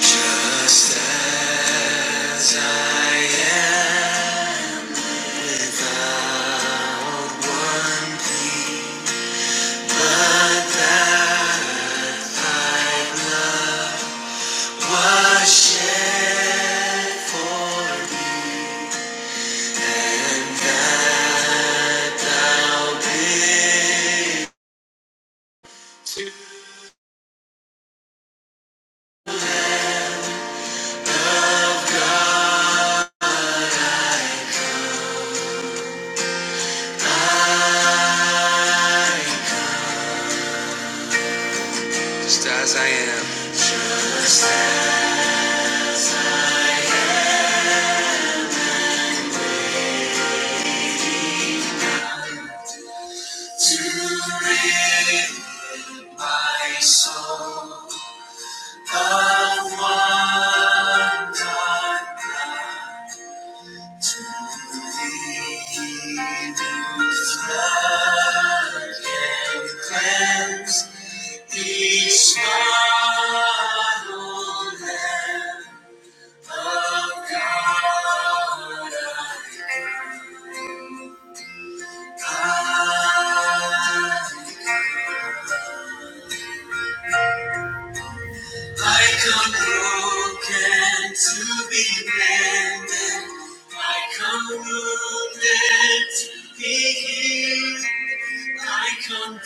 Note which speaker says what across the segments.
Speaker 1: Just as I am without one plea, but that thy blood was shed for me, and that thou didst God I, I, just as I am. To rid my soul of one unbelieving flood and cleanse each mortal lamb of God. Like a broken to be mended, like a wounded to be healed, like a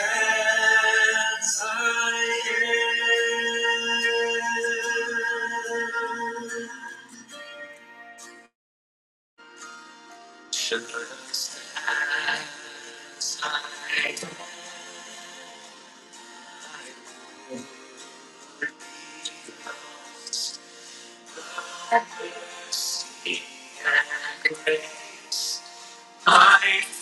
Speaker 1: as I am. Life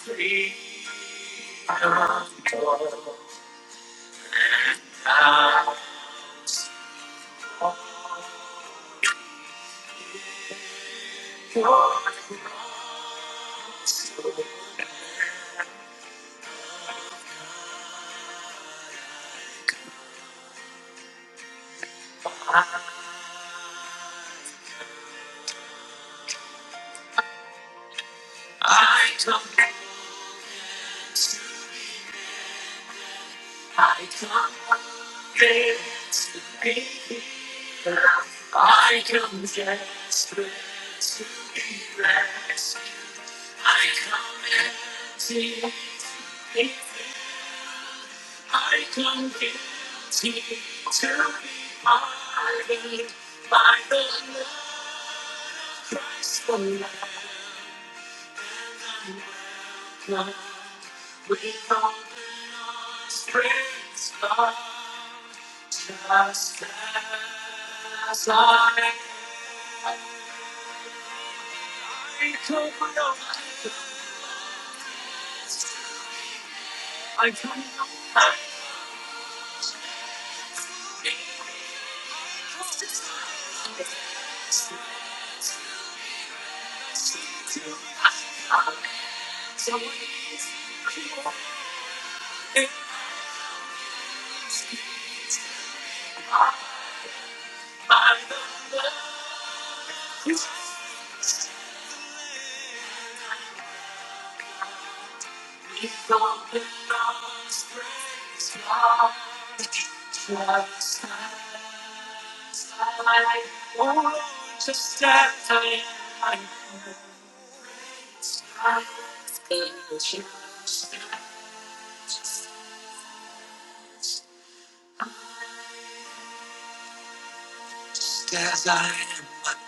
Speaker 1: as I am,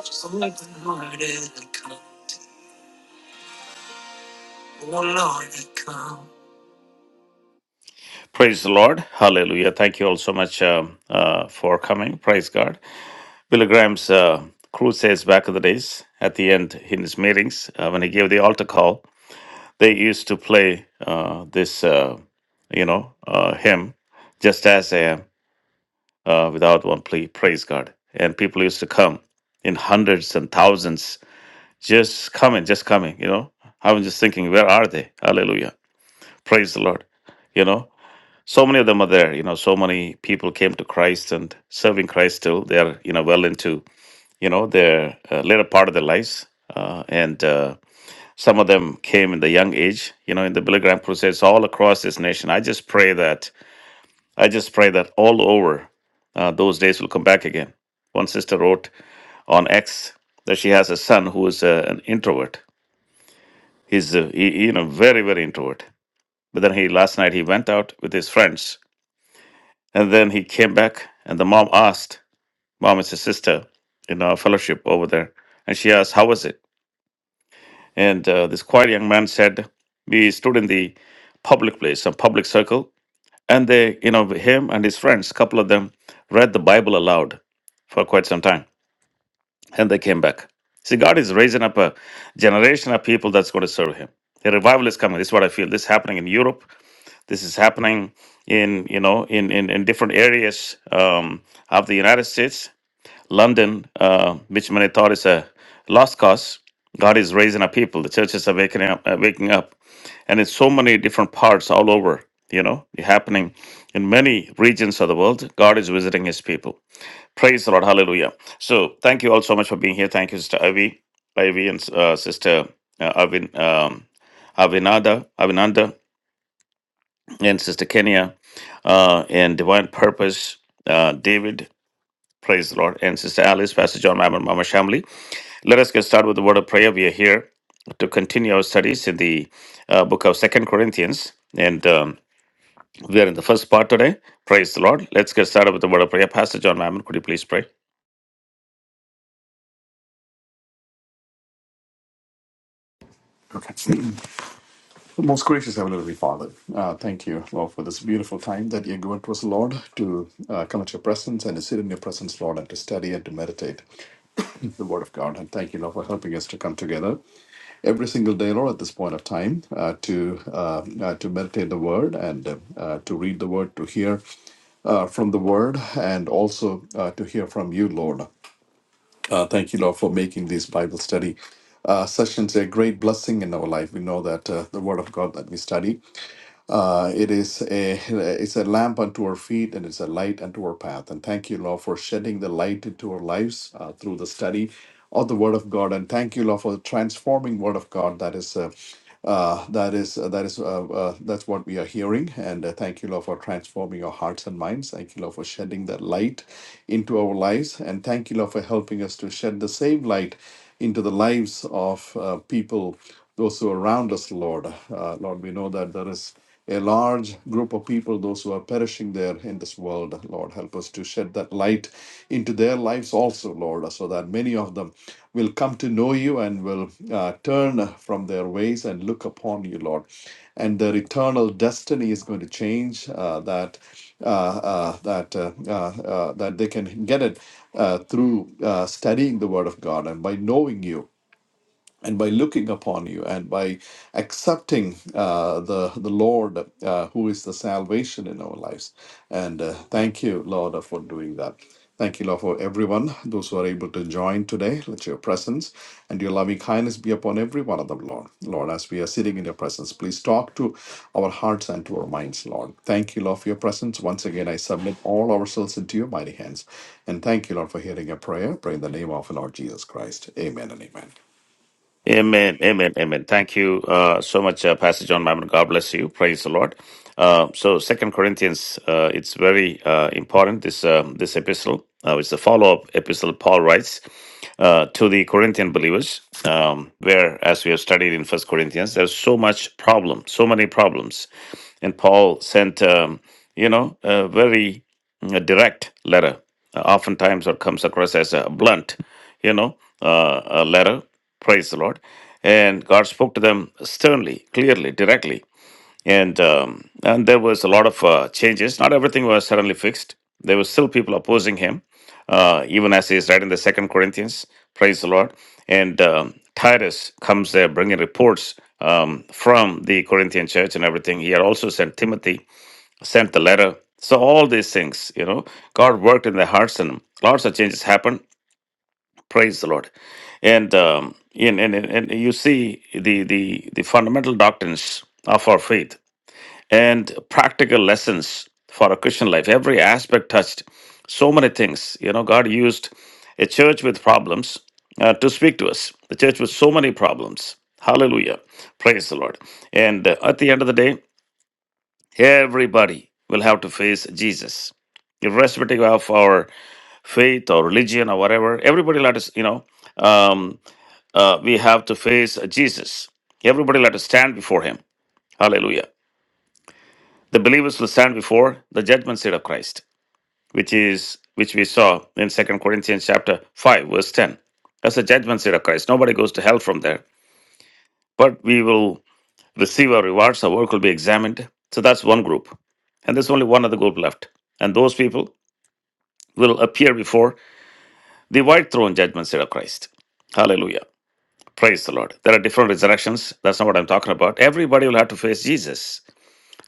Speaker 1: I'm so brokenhearted and come. Praise the Lord. Hallelujah. Thank you all so much um, uh, for coming. Praise God. Billy Graham's uh, crusades back in the days, at the end in his meetings, uh, when he gave the altar call, they used to play uh, this, uh, you know, uh, hymn, just as I am, uh, without one plea, praise God. And people used to come in hundreds and thousands, just coming, just coming, you know. I was just thinking, where are they? Hallelujah. Praise the Lord. You know, so many of them are there. You know, so many people came to Christ and serving Christ still. They are, you know, well into you know, their uh, later part of their lives. Uh, and uh, some of them came in the young age, you know, in the Billy Graham Crusades all across this nation. I just pray that, I just pray that all over uh, those days will come back again. One sister wrote on X that she has a son who is uh, an introvert. He's, uh, he, you know, very, very introvert. But then he, last night, he went out with his friends and then he came back and the mom asked, Mom, is a sister in our fellowship over there. And she asked, How was it? And uh, this quiet young man said, we stood in the public place, a public circle, and they, you know, him and his friends, a couple of them, read the Bible aloud for quite some time, and they came back. See, God is raising up a generation of people that's going to serve Him. The revival is coming. This is what I feel. This is happening in Europe. This is happening in, you know, in in, in different areas um, of the United States London, uh, which many thought is a lost cause, God is raising up people. The churches are waking up, uh, waking up, and in so many different parts all over. You know, happening in many regions of the world. God is visiting His people. Praise the Lord, Hallelujah! So, thank you all so much for being here. Thank you, Sister Ivy, Ivy, and uh, Sister uh, Avin, um, Avinada, Avinanda, and Sister Kenya, uh, and Divine Purpose, uh, David. Praise the Lord, and Sister Alice, Pastor John Mammon, Mama Shamli. Let us get started with the word of prayer. We are here to continue our studies in the uh, book of Second Corinthians, and um, we are in the first part today. Praise the Lord. Let's get started with the word of prayer. Pastor John Mammon, could you please pray?
Speaker 2: Okay. Most gracious Heavenly Father, uh, thank you, Lord, for this beautiful time that you given to us, Lord, to uh, come at your presence and to sit in your presence, Lord, and to study and to meditate the Word of God. And thank you, Lord, for helping us to come together every single day, Lord, at this point of time, uh, to uh, uh, to meditate the Word and uh, uh, to read the Word, to hear uh, from the Word, and also uh, to hear from you, Lord. Uh, thank you, Lord, for making these Bible study uh, sessions a great blessing in our life. We know that uh, the Word of God that we study uh, it is a it's a lamp unto our feet and it's a light unto our path. And thank you, Lord, for shedding the light into our lives uh, through the study of the Word of God. And thank you, Lord, for the transforming Word of God that is. Uh, uh, that is uh, that is uh, uh, that's what we are hearing, and uh, thank you, Lord, for transforming our hearts and minds. Thank you, Lord, for shedding that light into our lives, and thank you, Lord, for helping us to shed the same light into the lives of uh, people, those who are around us, Lord. Uh, Lord, we know that there is a large group of people, those who are perishing there in this world. Lord, help us to shed that light into their lives also, Lord, so that many of them will come to know you and will uh, turn from their ways and look upon you, Lord. And their eternal destiny is going to change uh, that. Uh, uh, that uh, uh, uh, that they can get it uh, through uh, studying the Word of God and by knowing you and by looking upon you and by accepting uh, the the Lord uh, who is the salvation in our lives. And uh, thank you, Lord, uh, for doing that. Thank you, Lord, for everyone, those who are able to join today. Let your presence and your loving kindness be upon every one of them, Lord. Lord, as we are sitting in your presence, please talk to our hearts and to our minds, Lord. Thank you, Lord, for your presence. Once again, I submit all ourselves into your mighty hands. And thank you, Lord, for hearing your prayer. Pray in the name of the Lord Jesus Christ. Amen and amen.
Speaker 1: Amen, amen, amen. Thank you uh, so much, uh, Pastor John Mammon. God bless you. Praise the Lord. Uh, so, Second Corinthians, uh, it's very uh, important. This um this epistle, uh, it's the follow up epistle Paul writes uh, to the Corinthian believers, um, where, as we have studied in First Corinthians, there's so much problem, so many problems, and Paul sent, um, you know, a very a direct letter uh, oftentimes or comes across as a blunt you know uh, a letter praise the lord and god spoke to them sternly clearly directly and um, and there was a lot of uh, changes not everything was suddenly fixed there were still people opposing him uh, even as he is writing the second corinthians praise the lord and um, titus comes there bringing reports um, from the corinthian church and everything he had also sent timothy sent the letter. So all these things, you know, God worked in their hearts, and lots of changes happened. Praise the Lord, and um, and, and and you see the the the fundamental doctrines of our faith and practical lessons for a Christian life. Every aspect touched. So many things, you know. God used a church with problems uh, to speak to us. The church with so many problems. Hallelujah, praise the Lord. And uh, at the end of the day. Everybody will have to face Jesus. Irrespective of our faith or religion or whatever, everybody will have to, you know, um, uh, we have to face Jesus. Everybody will have to stand before him. Hallelujah. The believers will stand before the judgment seat of Christ, which is which we saw in Second Corinthians chapter 5, verse 10. That's the judgment seat of Christ. Nobody goes to hell from there. But we will receive our rewards, our work will be examined. So that's one group. And there's only one other group left. And those people will appear before the white throne judgment seat of Christ. Hallelujah. Praise the Lord. There are different resurrections. That's not what I'm talking about. Everybody will have to face Jesus.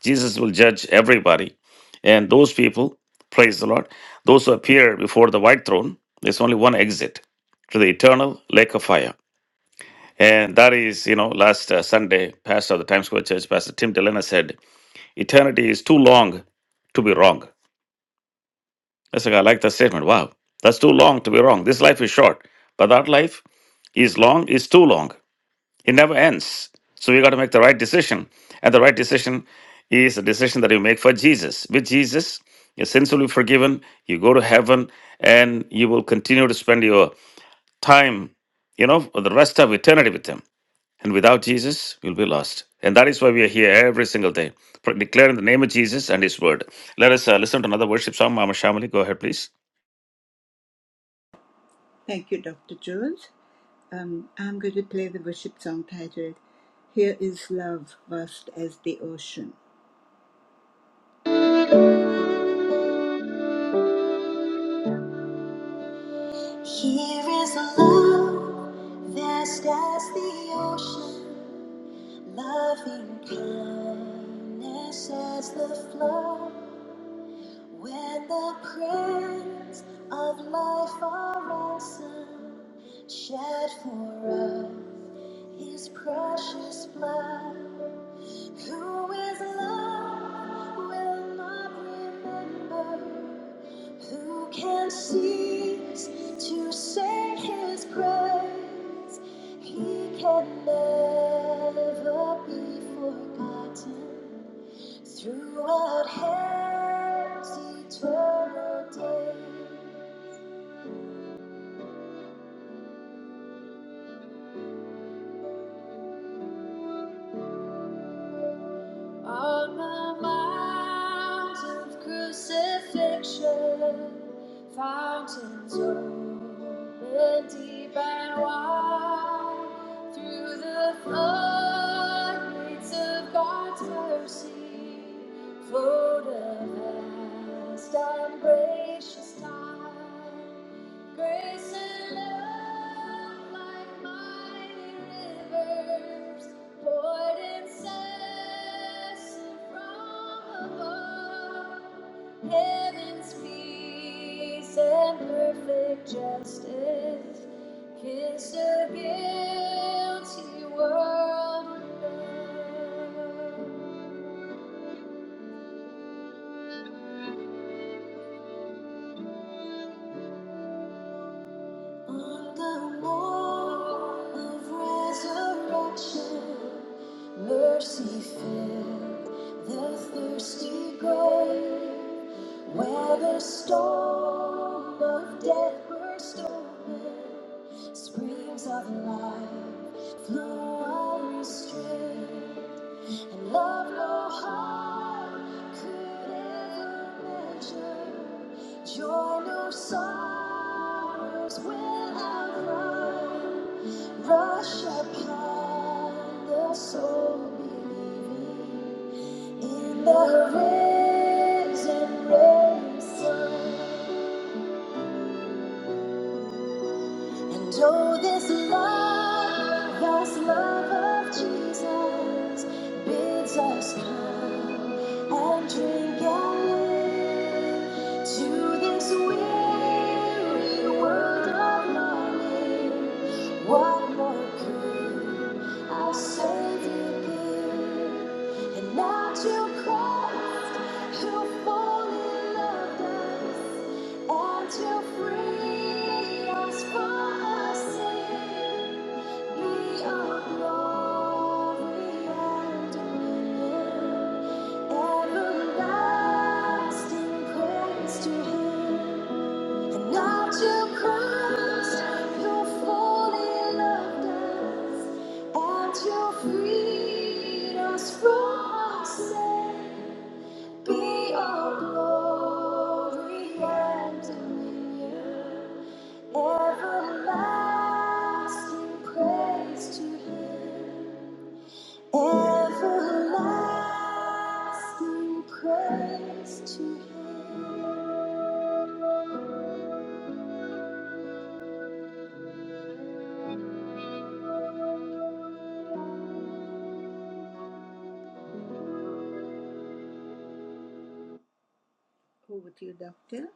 Speaker 1: Jesus will judge everybody. And those people, praise the Lord, those who appear before the white throne, there's only one exit to the eternal lake of fire. And that is, you know, last uh, Sunday, pastor of the Times Square Church, Pastor Tim Delena said, Eternity is too long to be wrong. That's like, I like that statement. Wow, that's too long to be wrong. This life is short, but that life is long, is too long. It never ends. So we got to make the right decision. And the right decision is a decision that you make for Jesus. With Jesus, your sins will be forgiven, you go to heaven, and you will continue to spend your time, you know, for the rest of eternity with Him. And without Jesus, you'll be lost. And that is why we are here every single day, for declaring the name of Jesus and His word. Let us uh, listen to another worship song. Mama Shamali, go ahead, please.
Speaker 3: Thank you, Dr. Jones. Um, I'm going to play the worship song titled Here is Love Vast as the Ocean. Here is love vast as the ocean, loving kindness as the flood. When the prayers of life are answered, shed for us his precious blood. Who is love will not remember. Who can cease to sing his praise? He can never be forgotten. Throughout heaven's eternal day. On the mount of crucifixion, fountains open deep and wide. Through the floodgates of God's mercy, flowed a vast and gracious tide. Grace and love like mighty rivers poured incessant from above. Heaven's peace and perfect justice kiss the guilty world with love. On the morn of resurrection, mercy filled the thirsty grave, where the storm of death burst open, springs of life flow unrestrained. And love no heart could ever measure. Joy no sorrows will outrun. Rush upon the soul believing in the risen, risen. And oh, this love, this love of Jesus bids us come and drink and live to this weary world of longing. What more could our Savior give? And now to Christ, who fully loved us. Won't you free us from our sin? Be our glory and dominion. Everlasting praise to Him. And now to Christ, you fully loved us, and you freed us from our sin. Be all glory and dominion, everlasting praise to Him, everlasting praise to Him. Over to you, Doctor.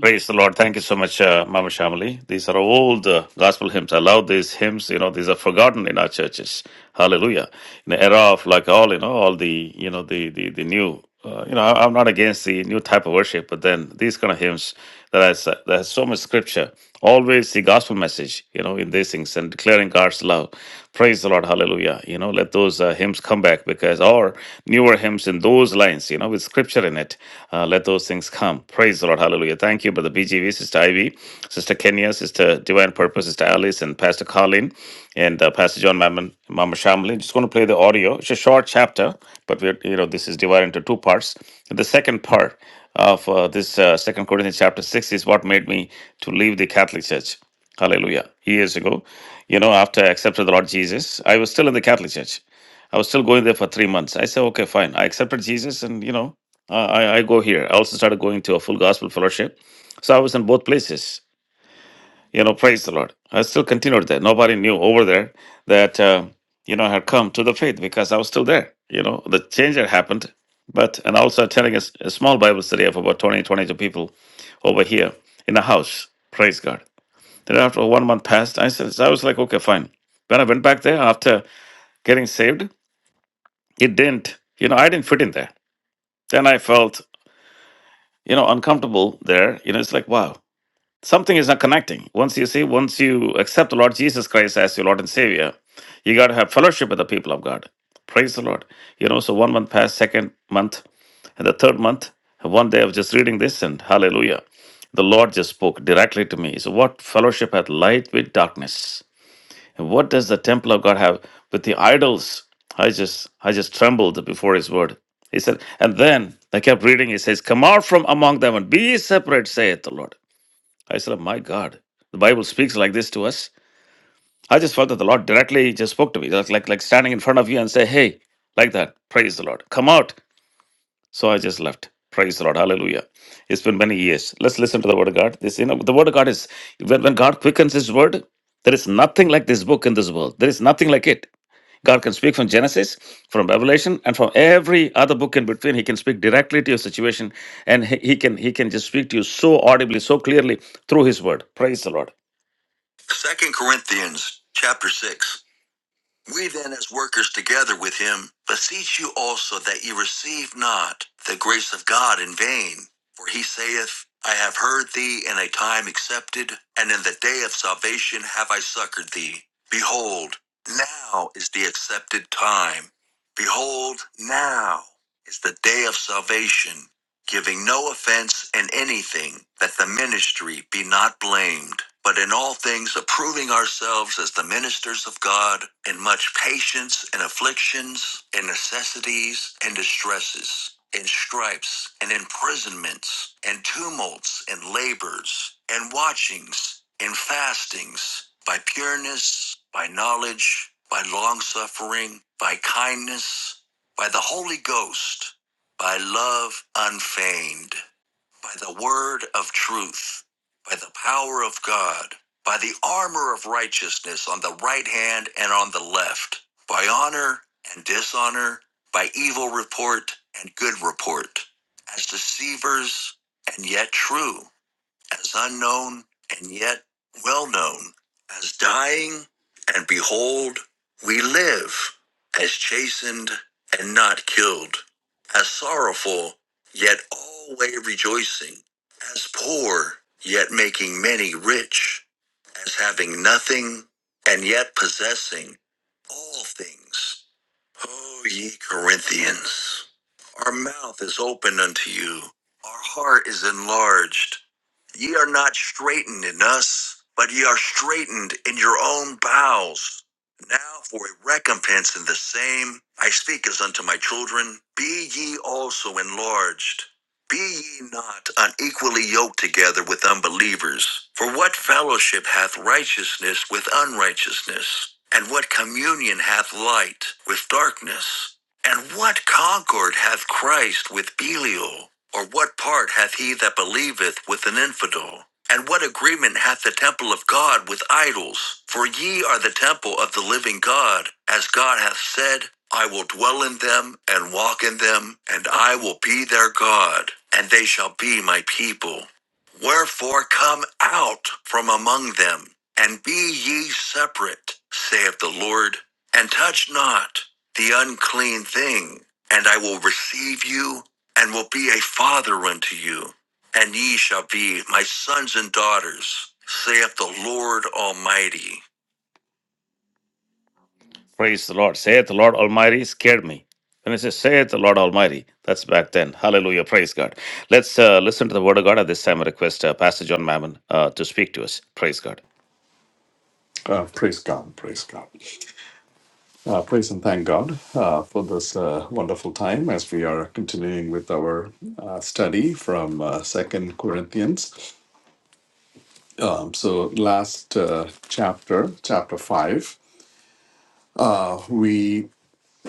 Speaker 1: Praise the Lord. Thank you so much, uh, Mama Shamali. These are old the gospel hymns. I love these hymns. You know, these are forgotten in our churches. Hallelujah. In the era of like all, you know, all the, you know, the, the, the new, uh, you know, I- I'm not against the new type of worship, but then these kind of hymns that has, that has so much scripture always the gospel message, you know, in these things and declaring God's love. Praise the Lord, hallelujah. You know, let those uh, hymns come back because, or newer hymns in those lines, you know, with scripture in it, uh, let those things come. Praise the Lord, hallelujah. Thank you, Brother BGV, Sister Ivy, Sister Kenya, Sister Divine Purpose, Sister Alice, and Pastor Colin, and uh, Pastor John Mammon, Mama Shamlin. Just going to play the audio. It's a short chapter, but we're, you know, this is divided into two parts. The second part, of uh, this uh, Second Corinthians chapter six is what made me to leave the Catholic Church. Hallelujah. Years ago, you know, after I accepted the Lord Jesus, I was still in the Catholic Church. I was still going there for three months. I said, okay, fine. I accepted Jesus, and you know, I I I go here. I also started going to a full gospel fellowship. So I was in both places. You know, praise the Lord. I still continued there. Nobody knew over there that, uh, you know, I had come to the faith because I was still there. You know, the change had happened. But, and also telling a, s- a small Bible study of about 20, 22 people over here in a house. Praise God. Then after one month passed, I said, I was like, okay, fine. When I went back there after getting saved, it didn't, you know, I didn't fit in there. Then I felt, you know, uncomfortable there. You know, it's like, wow. Something is not connecting. Once you see, once you accept the Lord Jesus Christ as your Lord and Savior, you got to have fellowship with the people of God. Praise the Lord. You know, so one month passed, second month, and the third month, one day I was just reading this and hallelujah. The Lord just spoke directly to me. So, what fellowship hath light with darkness? And what does the temple of God have with the idols? I just I just trembled before his word. He said, and then I kept reading, he says, Come out from among them and be ye separate, saith the Lord. I said, "Oh My God, the Bible speaks like this to us. I just felt that the Lord directly just spoke to me, just like like standing in front of you and say, Hey, like that. Praise the Lord. Come out. So I just left. Praise the Lord. Hallelujah. It's been many years. Let's listen to the word of God. This, you know, the word of God is when, when God quickens his word, there is nothing like this book in this world. There is nothing like it. God can speak from Genesis, from Revelation, and from every other book in between. He can speak directly to your situation, and he, he can he can just speak to you so audibly, so clearly through His Word. Praise the Lord. Second Corinthians chapter 6. We then, as workers together with him, beseech you also that ye receive not the grace of God in vain. For he saith, I have heard thee in a time accepted, and in the day of salvation have I succored thee. Behold, now is the accepted time. Behold, now is the day of salvation giving no offense in anything, that the ministry be not blamed, but in all things approving ourselves as the ministers of God, in much patience and afflictions, in necessities and distresses, in stripes and imprisonments, and tumults and labors, and watchings, and fastings, by pureness, by knowledge, by longsuffering, by kindness, by the Holy Ghost by love unfeigned, by the word of truth, by the power of God, by the armor of righteousness on the right hand and on the left, by honor and dishonor, by evil report and good report, as deceivers and yet true, as unknown and yet well known, as dying, and behold, we live, as chastened and not killed, as sorrowful, yet alway rejoicing, as poor, yet making many rich, as having nothing, and yet possessing all things. O ye Corinthians, our mouth is open unto you, our heart is enlarged. Ye are not straitened in us, but ye are straitened in your own bowels. Now for a recompense in the same, I speak as unto my children, be ye also enlarged. Be ye not unequally yoked together with unbelievers. For what fellowship hath righteousness with unrighteousness? And what communion hath light with darkness? And what concord hath Christ with Belial? Or what part hath he that believeth with an infidel? And what agreement hath the temple of God with idols? For ye are the temple of the living God, as God hath said, I will dwell in them and walk in them, and I will be their God, and they shall be my people. Wherefore come out from among them, and be ye separate, saith the Lord, and touch not the unclean thing, and I will receive you, and will be a father unto you, and ye shall be my sons and daughters, saith the Lord Almighty. Praise the Lord. Saith the Lord Almighty scared me. When I say saith the Lord Almighty, that's back then. Hallelujah. Praise God. Let's uh, listen to the word of God at this time. I request uh, Pastor John Mammon uh, to speak to us. Praise God.
Speaker 2: Uh, praise God, praise God. Uh, praise and thank God uh, for this uh, wonderful time as we are continuing with our uh, study from uh, 2 Corinthians. Um, so, last uh, chapter, chapter 5, we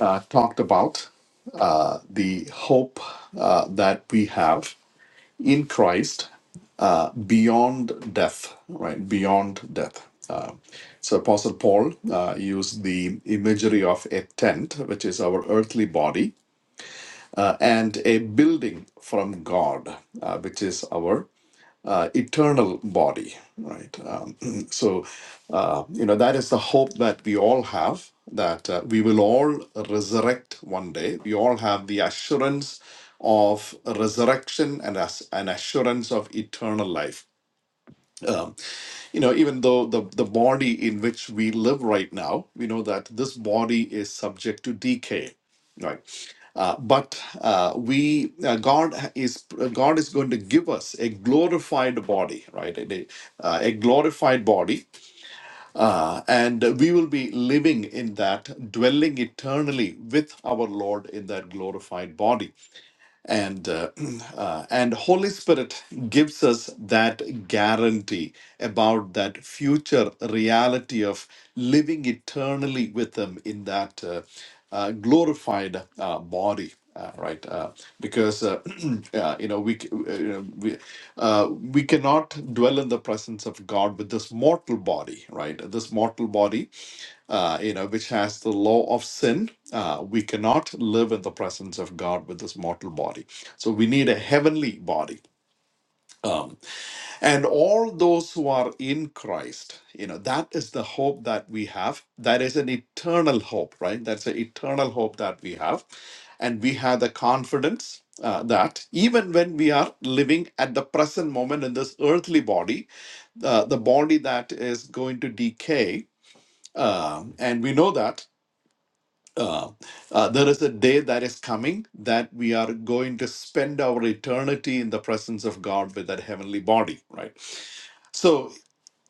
Speaker 2: uh, talked about uh, the hope uh, that we have in Christ uh, beyond death, right? Beyond death. Uh, so Apostle Paul uh, used the imagery of a tent, which is our earthly body, uh, and a building from God, uh, which is our uh, eternal body, right? Um, so, uh, you know, that is the hope that we all have that uh, we will all resurrect one day. We all have the assurance of resurrection and as an assurance of eternal life. Um, you know, even though the, the body in which we live right now, we know that this body is subject to decay, right? Uh, but uh, we, uh, God is God is going to give us a glorified body, right? A, uh, a glorified body, uh, and we will be living in that, dwelling eternally with our Lord in that glorified body and uh, uh, and holy spirit gives us that guarantee about that future reality of living eternally with him in that uh, uh, glorified uh, body uh, right uh, because uh, Uh, you know, we c- uh, you know, we uh, we cannot dwell in the presence of God with this mortal body, right? This mortal body, uh, you know, which has the law of sin. Uh, we cannot live in the presence of God with this mortal body. So we need a heavenly body. Um, and all those who are in Christ, you know, that is the hope that we have. That is an eternal hope, right? That's an eternal hope that we have. And we have the confidence uh, that even when we are living at the present moment in this earthly body, uh, the body that is going to decay, uh, and we know that. Uh, uh, there is a day that is coming that we are going to spend our eternity in the presence of God with that heavenly body, right? So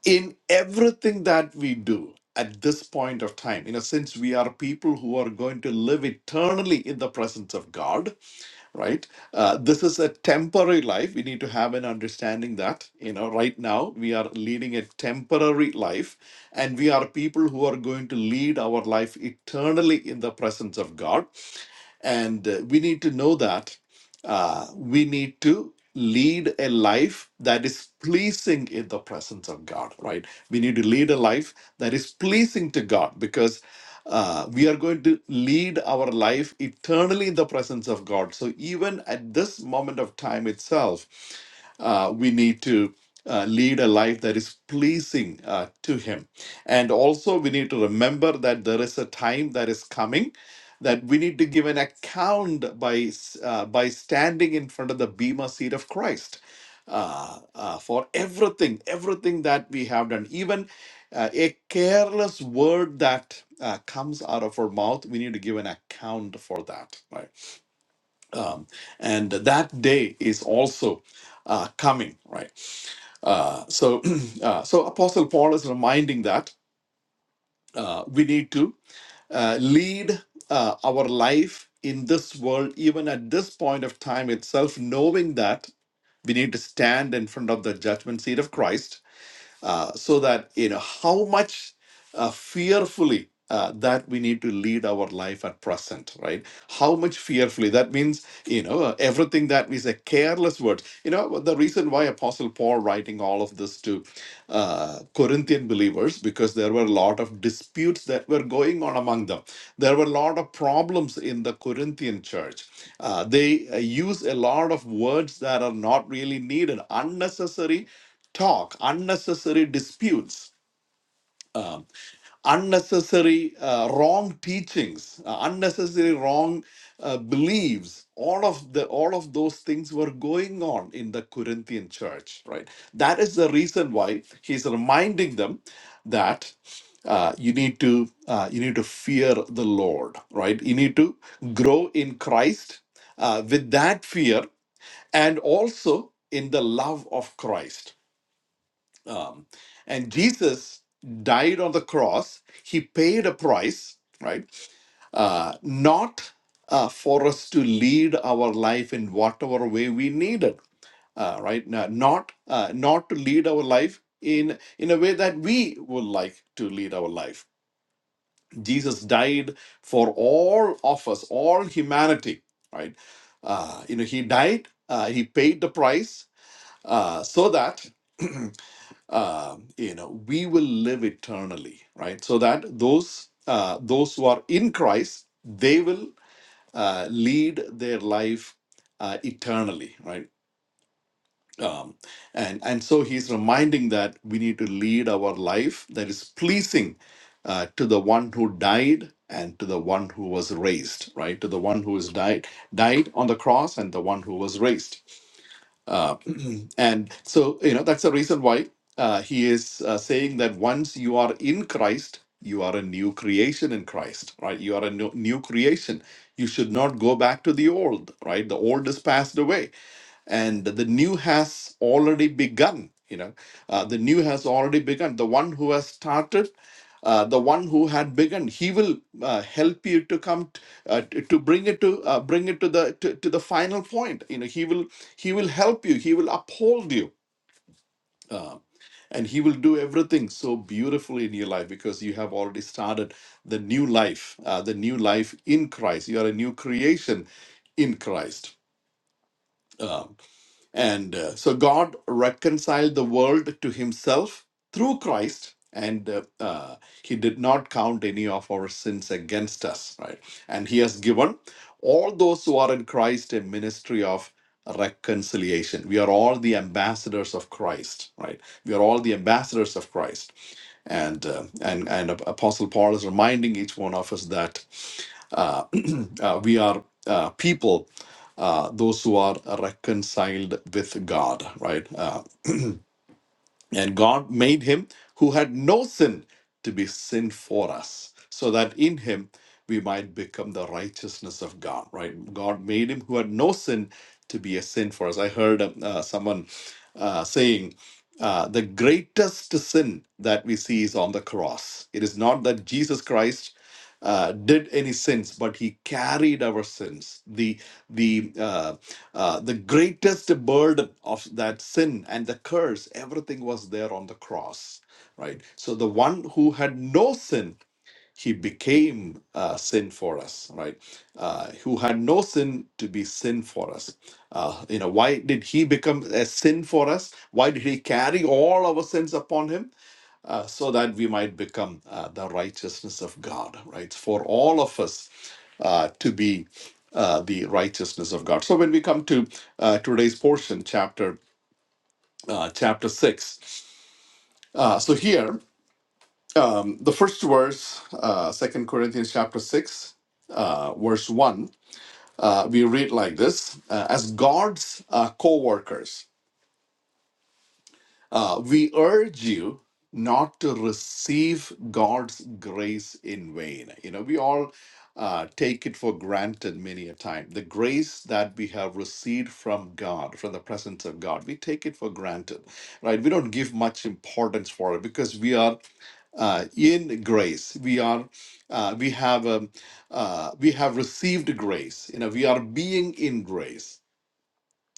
Speaker 2: in everything that we do at this point of time in a sense we are people who are going to live eternally in the presence of god right uh, this is a temporary life we need to have an understanding that you know right now we are leading a temporary life and we are people who are going to lead our life eternally in the presence of god and uh, we need to know that uh, we need to lead a life that is pleasing in the presence of God, right? We need to lead a life that is pleasing to God because uh, we are going to lead our life eternally in the presence of God. So even at this moment of time itself, uh, we need to uh, lead a life that is pleasing uh, to Him. And also, we need to remember that there is a time that is coming that we need to give an account by uh, by standing in front of the bema seat of Christ uh, uh, for everything, everything that we have done, even uh, a careless word that uh, comes out of our mouth. We need to give an account for that, right? um, and that day is also uh, coming right uh, so uh, so apostle paul is reminding that uh, we need to uh, lead uh, our life in this world even at this point of time itself knowing that we need to stand in front of the judgment seat of christ uh, so that you know how much uh, fearfully uh, that we need to lead our life at present, right? How much fearfully? That means, you know, uh, everything that we say, careless words. You know, the reason why Apostle Paul writing all of this to uh, Corinthian believers, because there were a lot of disputes that were going on among them. There were a lot of problems in the Corinthian church. Uh, they uh, use a lot of words that are not really needed, unnecessary talk, unnecessary disputes. Um, unnecessary uh, wrong teachings uh, unnecessary wrong uh, beliefs all of the all of those things were going on in the corinthian church right that is the reason why he's reminding them that uh, you need to uh, you need to fear the lord right you need to grow in christ uh, with that fear and also in the love of christ um, and Jesus died on the cross. He paid a price, right? Uh, not uh, for us to lead our life in whatever way we needed, uh, right? No- Not uh, not to lead our life in in a way that we would like to lead our life. Jesus died for all of us, all humanity, right? Uh, you know, he died. Uh, he paid the price uh, so that uh, you know we will live eternally right so that those uh, those who are in christ they will uh, lead their life uh, eternally right um, and and so he's reminding that we need to lead our life that is pleasing uh, to the one who died and to the one who was raised right to the one who is died died on the cross and the one who was raised uh, and so, you know, that's the reason why uh, he is uh, saying that once you are in Christ, you are a new creation in Christ, right? You are a new, new creation. You should not go back to the old, right? The old is passed away and the new has already begun you know uh, the new has already begun the one who has started uh, the one who had begun he will uh, help you to come t- uh, t- to bring it to uh, bring it to the to, to the final point you know he will he will help you, He will uphold you. Um, and he will do everything so beautifully in your life because you have already started the new life, uh, the new life in Christ. You are a new creation in Christ. Uh, and uh, so God reconciled the world to himself through Christ, and uh, uh, he did not count any of our sins against us, right? And he has given all those who are in Christ a ministry of reconciliation. We are all the ambassadors of Christ, right? We are all the ambassadors of Christ. And uh, and and Apostle Paul is reminding each one of us that uh, uh, we are uh, people, uh, those who are reconciled with God, right? Uh, and God made him who had no sin to be sin for us, so that in him we might become the righteousness of God, right? God made him who had no sin to be a sin for us. I heard um, uh, someone uh, saying, uh, the greatest sin that we see is on the cross. It is not that Jesus Christ uh, did any sins, but he carried our sins. The the uh, uh, the greatest burden of that sin and the curse, everything was there on the cross, right? So the one who had no sin, he became uh, sin for us, right? Uh, who had no sin to be sin for us. Uh, you know, why did he become a sin for us? Why did he carry all our sins upon him? uh, so that we might become uh, the righteousness of God, right? For all of us uh, to be uh, the righteousness of God. So when we come to uh, today's portion, chapter uh, chapter six, uh, so here um, the first verse, uh, Second Corinthians chapter six, uh, verse one, uh, we read like this: uh, As God's uh, co-workers. Uh, we urge you not to receive God's grace in vain. You know, we all uh, take it for granted many a time. The grace that we have received from God, from the presence of God, we take it for granted, right? We don't give much importance for it because we are uh, in grace. We are, uh, we have, um, uh, we have received grace. You know, we are being in grace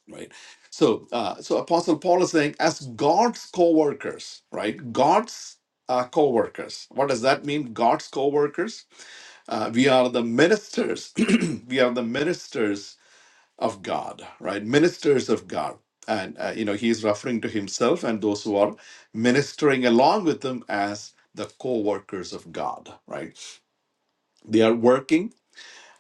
Speaker 2: right so uh, so apostle paul is saying as god's co-workers right god's uh, co-workers what does that mean god's co-workers uh, we are the ministers we are the ministers of god right ministers of god and uh, you know he is referring to himself and those who are ministering along with him as the co-workers of god right they are working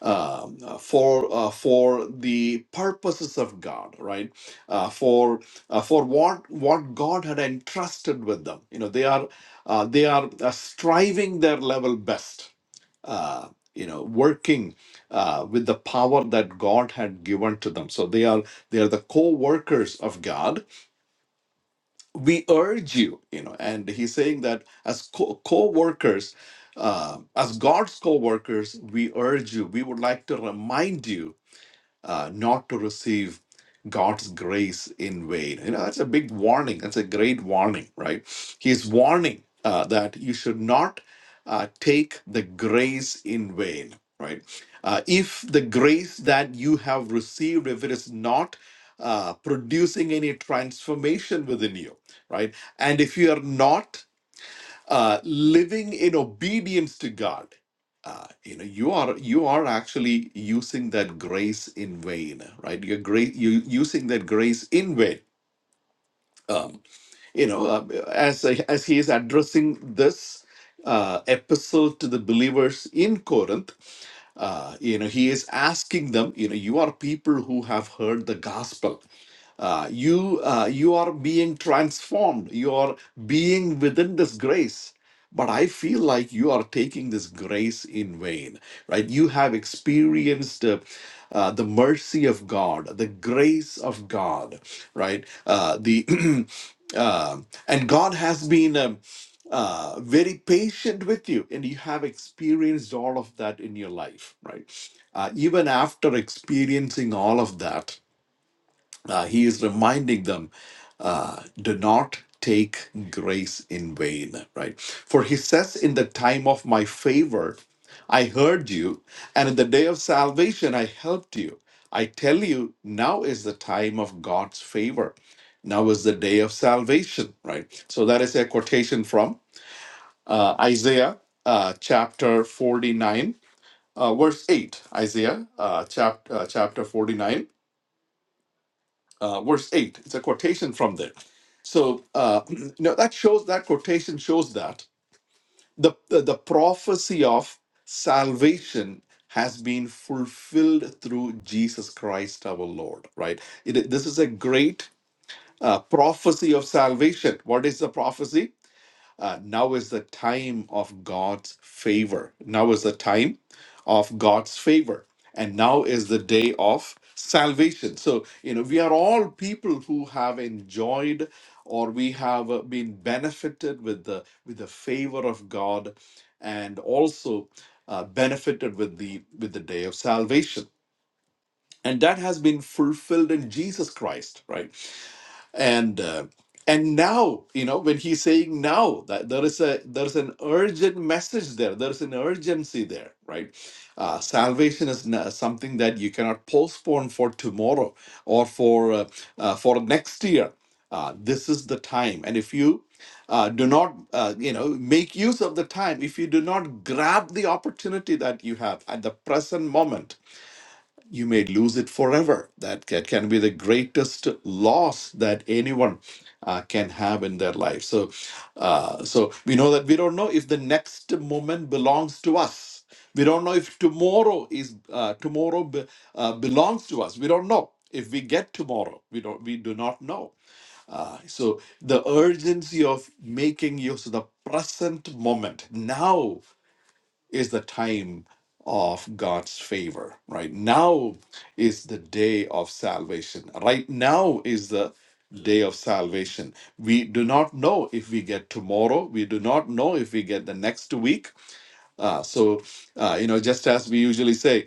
Speaker 2: um, uh, for uh, for the purposes of God, right? Uh, for uh, for what what God had entrusted with them. You know, they are uh, they are uh, striving their level best. Uh, you know, working uh, with the power that God had given to them. So they are they are the co-workers of God. We urge you, you know, and he's saying that as co- co-workers, uh, as God's co workers, we urge you, we would like to remind you uh, not to receive God's grace in vain. You know, that's a big warning. That's a great warning, right? He's warning uh, that you should not uh, take the grace in vain, right? Uh, if the grace that you have received, if it is not uh, producing any transformation within you, right? And if you are not uh, living in obedience to God. Uh, you know, you are you are actually using that grace in vain, right? You're great. You using that grace in vain. Um, you know, uh, as as he is addressing this uh, epistle to the believers in Corinth, uh, you know, he is asking them, you know, you are people who have heard the gospel. Uh, you uh, you are being transformed. You are being within this grace. But I feel like you are taking this grace in vain, right? You have experienced uh, uh, the mercy of God, the grace of God, right? Uh, the uh, and God has been. um, uh, very patient with you, and you have experienced all of that in your life, right? Uh, even after experiencing all of that, uh, he is reminding them, uh, do not take grace in vain, right? For he says, in the time of my favor, I heard you, and in the day of salvation, I helped you. I tell you, now is the time of God's favor. Now is the day of salvation, right? So that is a quotation from uh, Isaiah uh, chapter 49, uh, verse 8. Isaiah uh, chap- uh, chapter 49, uh, verse 8. It's a quotation from there. So uh, you know, that shows that quotation shows that the, the, the prophecy of salvation has been fulfilled through Jesus Christ our Lord, right? It, this is a great uh, prophecy of salvation. What is the prophecy? Uh, now is the time of God's favor. Now is the time of God's favor. And now is the day of salvation. So, you know, we are all people who have enjoyed or we have uh, been benefited with the with the favor of God and also uh, benefited with the with the day of salvation. And that has been fulfilled in Jesus Christ, right? and uh, and now you know when he's saying now that there is a there's an urgent message there there's an urgency there right uh, salvation is n- something that you cannot postpone for tomorrow or for uh, uh, for next year uh, this is the time and if you uh, do not uh, you know make use of the time if you do not grab the opportunity that you have at the present moment you may lose it forever. That ca- can be the greatest loss that anyone uh, can have in their life. So, uh, so we know that we don't know if the next moment belongs to us. We don't know if tomorrow is uh, tomorrow be, uh, belongs to us. We don't know if we get tomorrow. We don't. We do not know. Uh, so the urgency of making use of the present moment now is the time of God's favor, right? Now is the day of salvation. Right now is the day of salvation. We do not know if we get tomorrow. We do not know if we get the next week. Uh, so, uh, you know, just as we usually say,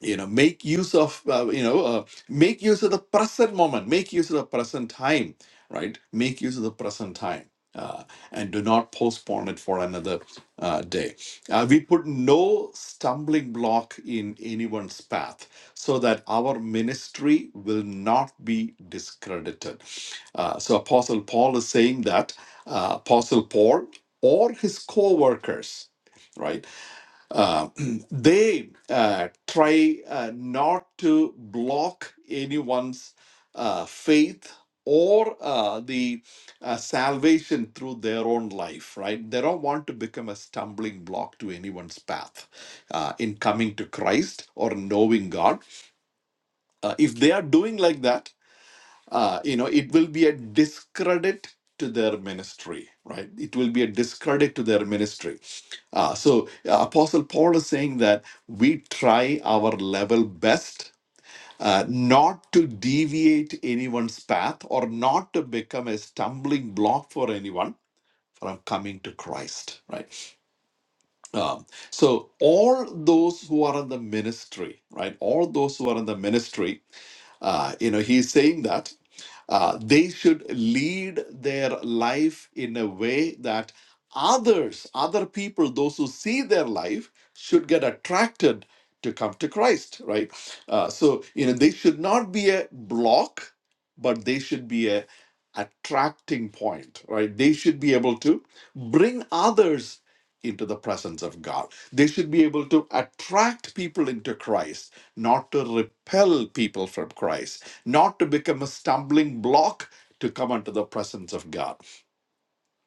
Speaker 2: you know make use of uh, you know uh, make use of the present moment make use of the present time right make use of the present time uh, and do not postpone it for another uh, day uh, we put no stumbling block in anyone's path so that our ministry will not be discredited uh, so apostle paul is saying that uh, apostle paul or his co-workers right uh, they uh, try uh, not to block anyone's uh, faith or uh, the uh, salvation through their own life, right? They don't want to become a stumbling block to anyone's path uh, in coming to Christ or knowing God. Uh, if they are doing like that, uh, you know, it will be a discredit to their ministry, right? It will be a discredit to their ministry. Uh, so, uh, Apostle Paul is saying that we try our level best. Uh, not to deviate anyone's path or not to become a stumbling block for anyone from coming to Christ, right? Um, so all those who are in the ministry, right? All those who are in the ministry, uh, you know, he's saying that uh, they should lead their life in a way that others, other people, those who see their life, should get attracted to come to Christ, right? Uh, so, you know, they should not be a block, but they should be a attracting point, right? They should be able to bring others into the presence of God. They should be able to attract people into Christ, not to repel people from Christ, not to become a stumbling block to come into the presence of God.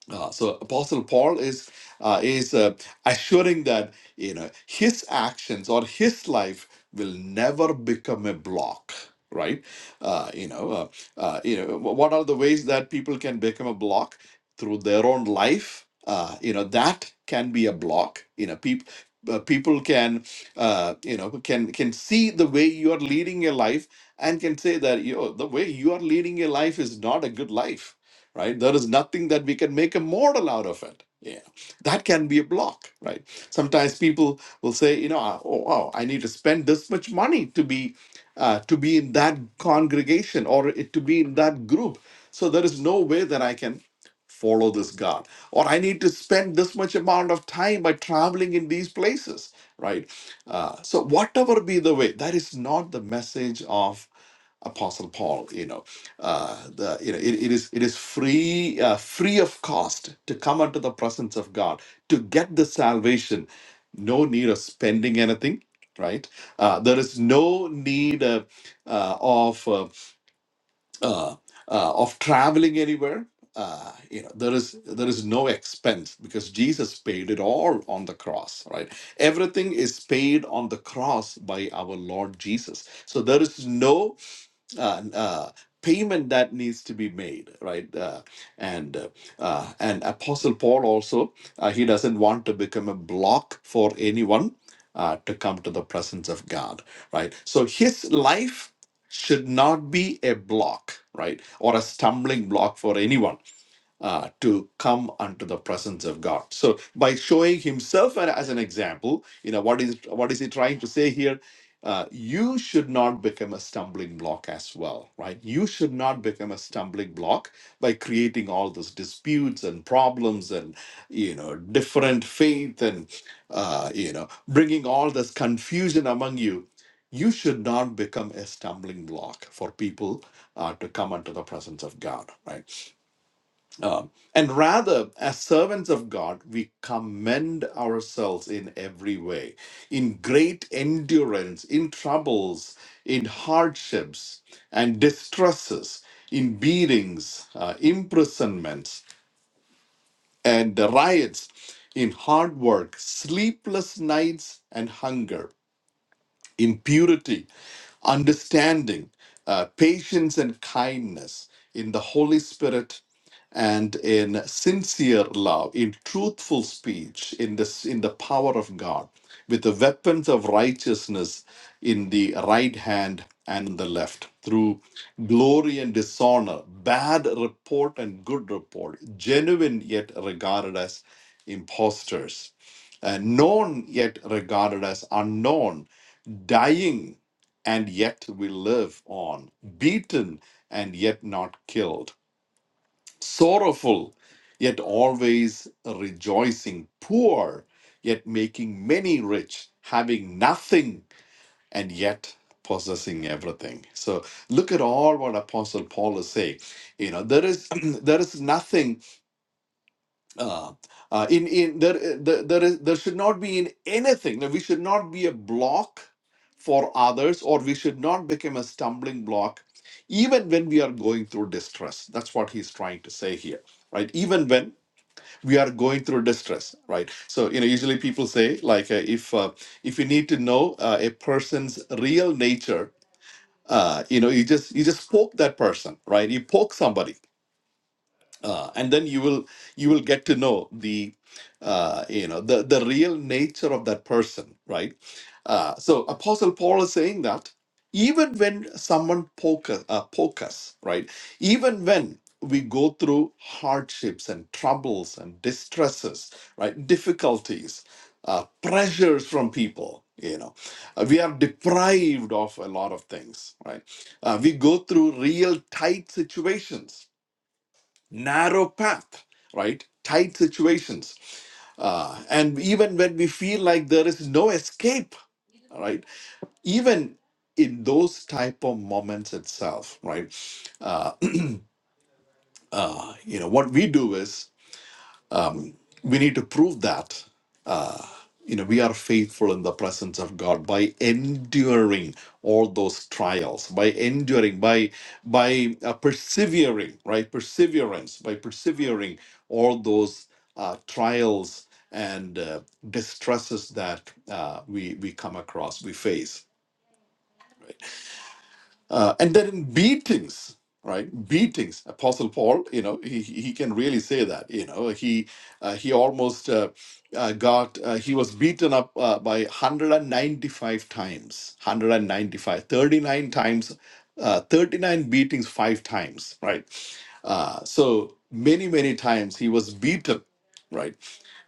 Speaker 2: Uh, so Apostle Paul is uh, is uh, assuring that you know his actions or his life will never become a block, right? Uh, you know, uh, uh, you know, wh- what are the ways that people can become a block through their own life? Uh, you know, that can be a block. You know, people. Uh, people can, uh, you know, can can see the way you are leading your life, and can say that you know, the way you are leading your life is not a good life right? There is nothing that we can make a model out of it. Yeah, that can be a block, right? Sometimes people will say, you know, ah, oh, oh I need to spend this much money to be, uh, to be in that congregation or it, to be in that group. So there is no way that I can follow this God, or I need to spend this much amount of time by traveling in these places, right? Uh, so whatever be the way, that is not the message of Apostle Paul, you know, uh, the you know it, it is it is free uh, free of cost to come unto the presence of God to get the salvation. No need of spending anything, right? Uh, there is no need uh, uh, of uh, uh, uh, of traveling anywhere. Uh, you know there is there is no expense because Jesus paid it all on the cross, right? Everything is paid on the cross by our Lord Jesus. So there is no uh, uh, payment that needs to be made, right? Uh, and uh, uh, and Apostle Paul also uh, he doesn't want to become a block for anyone uh, to come to the presence of God, right? So his life should not be a block, right, or a stumbling block for anyone uh, to come unto the presence of God. So by showing himself a- as an example, you know what is what is he trying to say here? Uh, you should not become a stumbling block as well, right? You should not become a stumbling block by creating all those disputes and problems and you know different faith and uh, you know bringing all this confusion among you. You should not become a stumbling block for people uh, to come unto the presence of God, right? Um, and rather, as servants of God, we commend ourselves in every way, in great endurance, in troubles, in hardships and distresses, in beatings, uh, imprisonments, and riots, in hard work, sleepless nights, and hunger, in purity understanding, uh, patience, and kindness in the Holy Spirit and in sincere love, in truthful speech, in this in the power of God, with the weapons of righteousness in the right hand and in the left, through glory and dishonor, bad report and good report, genuine yet regarded as impostors, uh, known yet regarded as unknown, dying and yet we live on, beaten and yet not killed, sorrowful yet always rejoicing, poor yet making many rich, having nothing and yet possessing everything. So look at all what Apostle Paul is saying. You know, there is there is nothing uh, uh, in in there uh, there there, is, there should not be in anything that we should not be a block for others or we should not become a stumbling block even when we are going through distress that's what he's trying to say here right even when we are going through distress right so you know usually people say like uh, if uh, if you need to know uh, a person's real nature uh, you know you just you just poke that person right you poke somebody uh, and then you will you will get to know the uh, you know the the real nature of that person right uh, so apostle paul is saying that even when someone poke, us- uh, poke us right even when we go through hardships and troubles and distresses right difficulties uh, pressures from people you know Uh, we are deprived of a lot of things right uh, we go through real tight situations narrow path, right? Tight situations. Uh, and even when we feel like there is no escape, all right? Even in those type of moments itself, right? Uh, you know, what we do is we need to prove that you know, we are faithful in the presence of God by enduring all those trials, by enduring, by by uh, persevering, right? Perseverance, by persevering all those uh, trials and uh, distresses that uh, we we come across, we face uh, and then in beatings, right? Beatings. Apostle Paul, you know, he, he he can really say that. You know, he uh, he almost uh, uh, got uh, he was beaten up uh, by 195 times, 195, 39 times, uh, 39 beatings five times, right? Uh, so many many times he was beaten, right?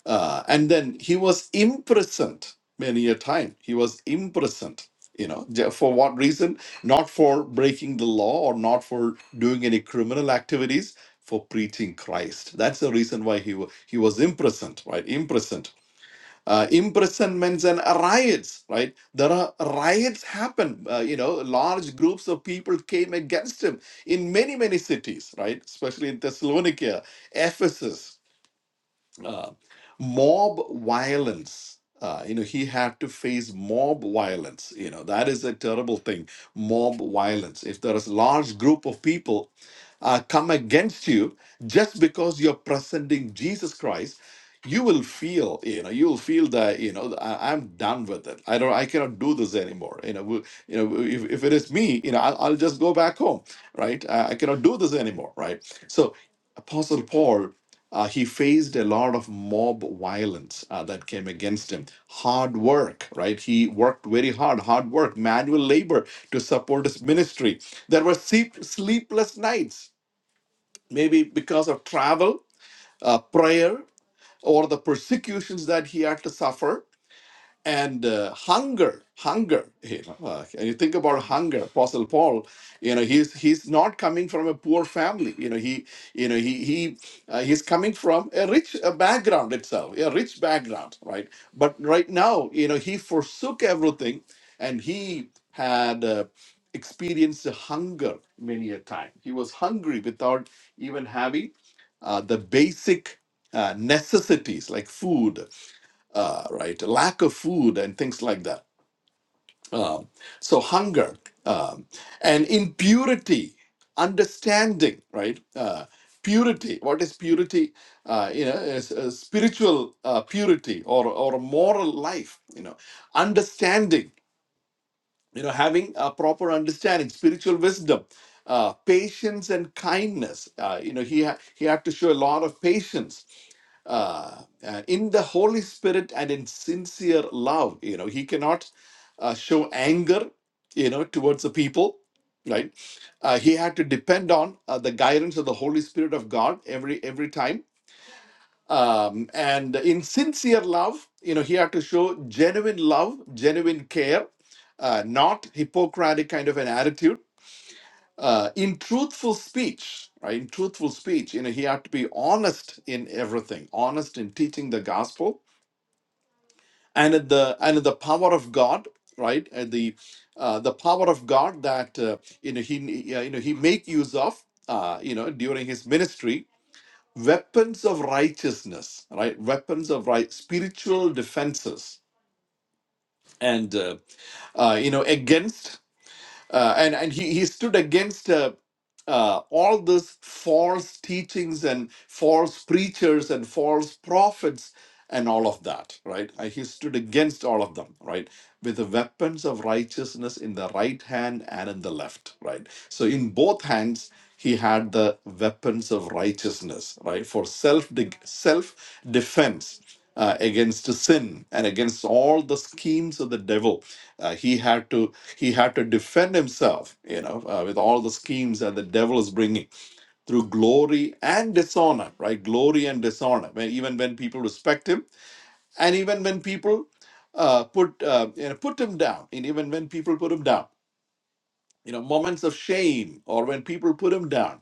Speaker 2: Uh, and then he was imprisoned many a time. He was imprisoned, you know, ju- for what reason? Not for breaking the law or not for doing any criminal activities, for preaching Christ. That's the reason why he, wa- he was imprisoned, right? Imprisoned. Uh, imprisonments and riots, right? There are riots happen. Uh, you know, large groups of people came against him in many, many cities, right? Especially in Thessalonica, Ephesus uh, mob violence. Uh, you know, he had to face mob violence. You know, that is a terrible thing. Mob violence. If there is a large group of people uh, come against you just because you're presenting Jesus Christ, you will feel, you know, you will feel that, you know, I, I'm done with it. I don't, I cannot do this anymore. You know, we- you know, if, if it is me, you know, I'll, I'll just go back home, right? I, I cannot do this anymore, right? So, Apostle Paul uh, he faced a lot of mob violence uh, that came against him. Hard work, right? He worked very hard, hard work, manual labor to support his ministry. There were sleep, sleepless nights, maybe because of travel, uh, prayer, or the persecutions that he had to suffer and uh, hunger hunger you know uh, and you think about hunger apostle paul you know he's he's not coming from a poor family you know he you know he he uh, he's coming from a rich uh, background itself a rich background right but right now you know he forsook everything and he had uh, experienced hunger many a time he was hungry without even having uh, the basic uh, necessities like food uh, right? Lack of food and things like that. Um, so hunger um, and impurity, understanding, right? Uh, purity. What is purity? Uh, you know, is, is spiritual uh, purity or or a moral life. You know, understanding. You know, having a proper understanding, spiritual wisdom. Uh, patience and kindness. Uh, you know, he ha- he had to show a lot of patience uh, uh, in the Holy Spirit and in sincere love. You know, he cannot uh, show anger, you know, towards the people, right? Uh, he had to depend on uh, the guidance of the Holy Spirit of God every every time. Um, and in sincere love, you know, he had to show genuine love, genuine care, uh, not Hippocratic kind of an attitude uh, in truthful speech, right? In truthful speech, you know, he had to be honest in everything, honest in teaching the gospel and at the and at the power of God, right? At the uh, the power of God that uh, you know he uh, you know he make use of uh, you know during his ministry weapons of righteousness, right? Weapons of right spiritual defenses and uh, uh, you know against uh, and and he, he stood against uh, uh, all this false teachings and false preachers and false prophets and all of that right Uh, he stood against all of them right with the weapons of righteousness in the right hand and in the left right so in both hands he had the weapons of righteousness right for self self defense uh, against sin and against all the schemes of the devil. Uh, he had to he had to defend himself, you know, uh, with all the schemes that the devil is bringing through glory and dishonor, right? Glory and dishonor. When, even when people respect him, and even when people uh, put uh, you know put him down, and even when people put him down, you know, moments of shame or when people put him down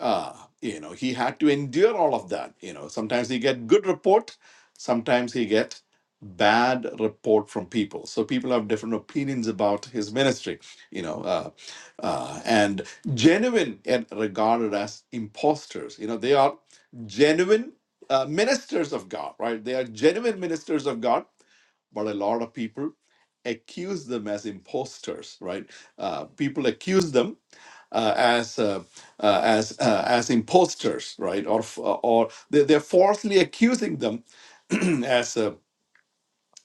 Speaker 2: uh, you know he had to endure all of that you know sometimes he get good report sometimes he get bad report from people so people have different opinions about his ministry you know uh, uh, and genuine and regarded as imposters you know they are genuine uh, ministers of god right they are genuine ministers of god but a lot of people accuse them as imposters, right? Uh, people accuse them uh, as uh, uh, as uh, as imposters, right? Or f- or they, they're falsely accusing them as uh,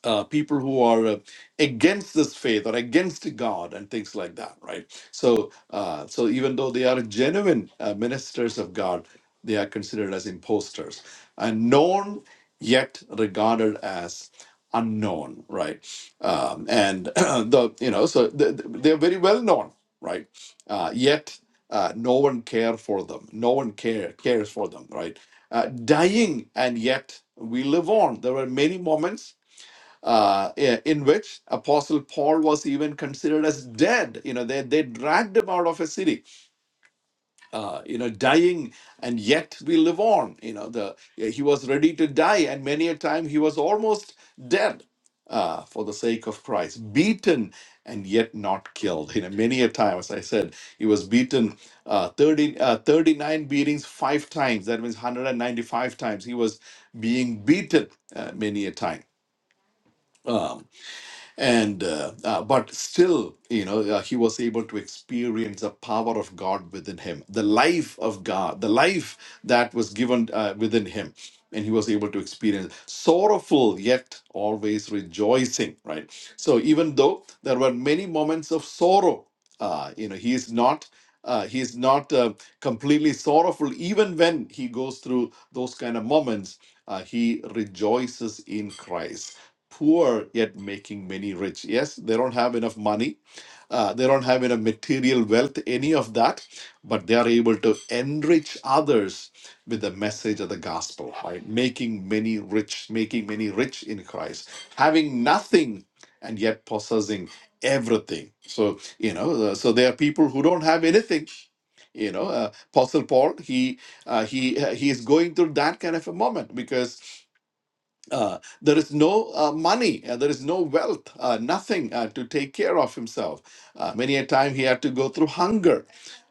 Speaker 2: uh, people who are uh, against this faith or against God and things like that, right? So, uh, so even though they are genuine uh, ministers of God, they are considered as imposters, and known yet regarded as unknown, right? Um, and the you know, so th- th- they're very well known, right? Uh, yet uh, no one care for them. No one care cares for them, right? Uh, dying and yet we live on. There were many moments uh, in which Apostle Paul was even considered as dead. You know, they, they dragged him out of a city, uh, you know, dying, and yet we live on. You know, the yeah, he was ready to die, and many a time he was almost dead uh, for the sake of Christ, beaten and yet not killed. You know, many a time, as I said, he was beaten uh, 30, uh, 39 beatings five times. That means 195 times. He was being beaten uh, many a time. Um, and uh, uh, but still you know uh, he was able to experience the power of god within him the life of god the life that was given uh, within him and he was able to experience sorrowful yet always rejoicing right so even though there were many moments of sorrow uh, you know he is not uh, he is not uh, completely sorrowful even when he goes through those kind of moments uh, he rejoices in christ poor yet making many rich. Yes, they don't have enough money, uh, they don't have enough material wealth, any of that, but they are able to enrich others with the message of the gospel, right? Making many rich, making many rich in Christ, having nothing and yet possessing everything so you know uh, so there are people who don't have anything you know uh, apostle paul he uh, he uh, he is going through that kind of a moment because uh, there is no uh, money, uh, there is no wealth, uh, nothing uh, to take care of himself. Uh, many a time he had to go through hunger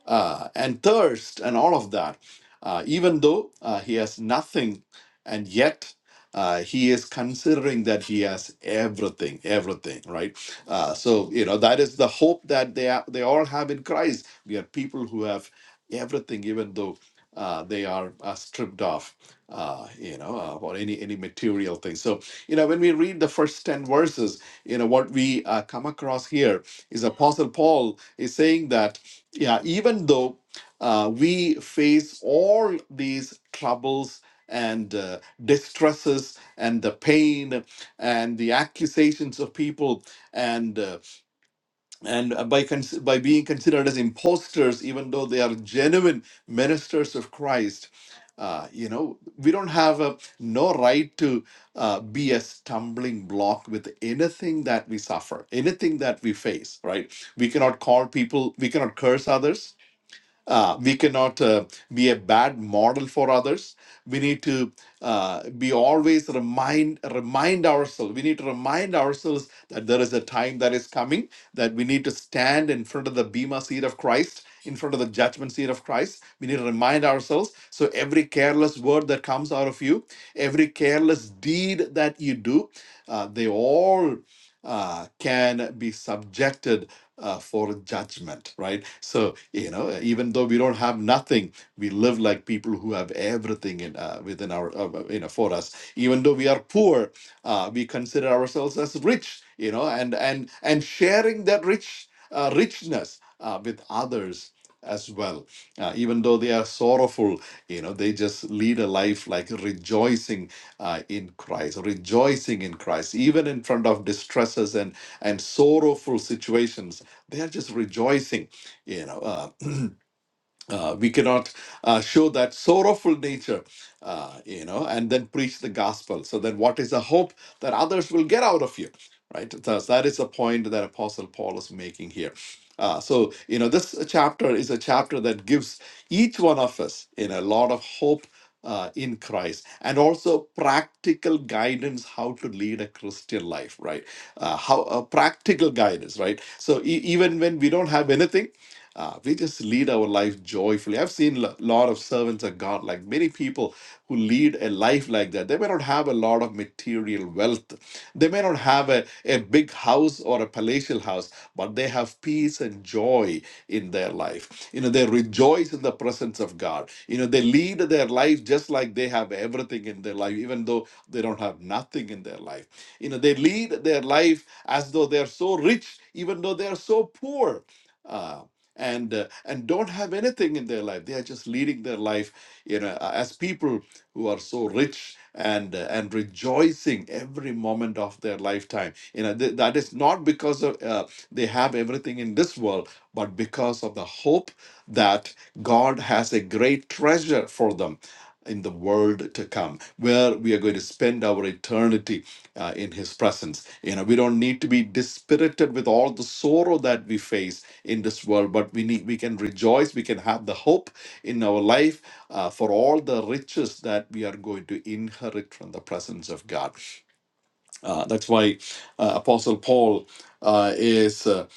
Speaker 2: uh, and thirst and all of that. Uh, even though uh, he has nothing, and yet uh, he is considering that he has everything, everything, right? Uh, so you know that is the hope that they are, they all have in Christ. We are people who have everything, even though uh, they are uh, stripped off uh, you know, uh, or any any material thing. So, you know, when we read the first ten verses, you know, what we uh, come across here is Apostle Paul is saying that, yeah, even though uh, we face all these troubles and uh, distresses and the pain and the accusations of people and uh, and uh, by cons- by being considered as imposters, even though they are genuine ministers of Christ, uh, you know we don't have a no right to uh, be a stumbling block with anything that we suffer, anything that we face. Right? We cannot call people, we cannot curse others uh, we cannot uh, be a bad model for others. We need to uh, be always remind remind ourselves. We need to remind ourselves that there is a time that is coming that we need to stand in front of the bema seat of Christ, in front of the judgment seat of Christ. We need to remind ourselves. So every careless word that comes out of you, every careless deed that you do, uh, they all uh, can be subjected uh, for judgment, right? So, you know, even though we don't have nothing, we live like people who have everything in, uh, within our, uh, uh, you know, for us. Even though we are poor, uh, we consider ourselves as rich, you know, and and and sharing that rich uh, richness uh, with others as well. Uh, even though they are sorrowful, you know, they just lead a life like rejoicing uh, in Christ, rejoicing in Christ, even in front of distresses and and sorrowful situations they are just rejoicing, you know. Uh, uh, we cannot uh, show that sorrowful nature, uh, you know, and then preach the gospel. So then, what is the hope that others will get out of you, right? Thus, that is the point that Apostle Paul is making here. Uh, so you know, this chapter is a chapter that gives each one of us in a lot of hope. Uh, in Christ, and also practical guidance how to lead a Christian life, right? Uh, how uh, practical guidance, right? So e- even when we don't have anything, uh, we just lead our life joyfully. I've seen a lot of servants of God, like many people who lead a life like that. They may not have a lot of material wealth, they may not have a, a big house or a palatial house, but they have peace and joy in their life. You know, they rejoice in the presence of God. You know, they lead their life just like they have everything in their life, even though they don't have nothing in their life. You know, they lead their life as though they're so rich, even though they're so poor. Uh, and uh, and don't have anything in their life they are just leading their life you know uh, as people who are so rich and uh, and rejoicing every moment of their lifetime you know th- that is not because of uh, they have everything in this world but because of the hope that god has a great treasure for them in the world to come where we are going to spend our eternity uh, in His presence. You know, we don't need to be dispirited with all the sorrow that we face in this world, but we need we can rejoice. We can have the hope in our life uh, for all the riches that we are going to inherit from the presence of God. Uh, that's why uh, Apostle Paul uh, is uh,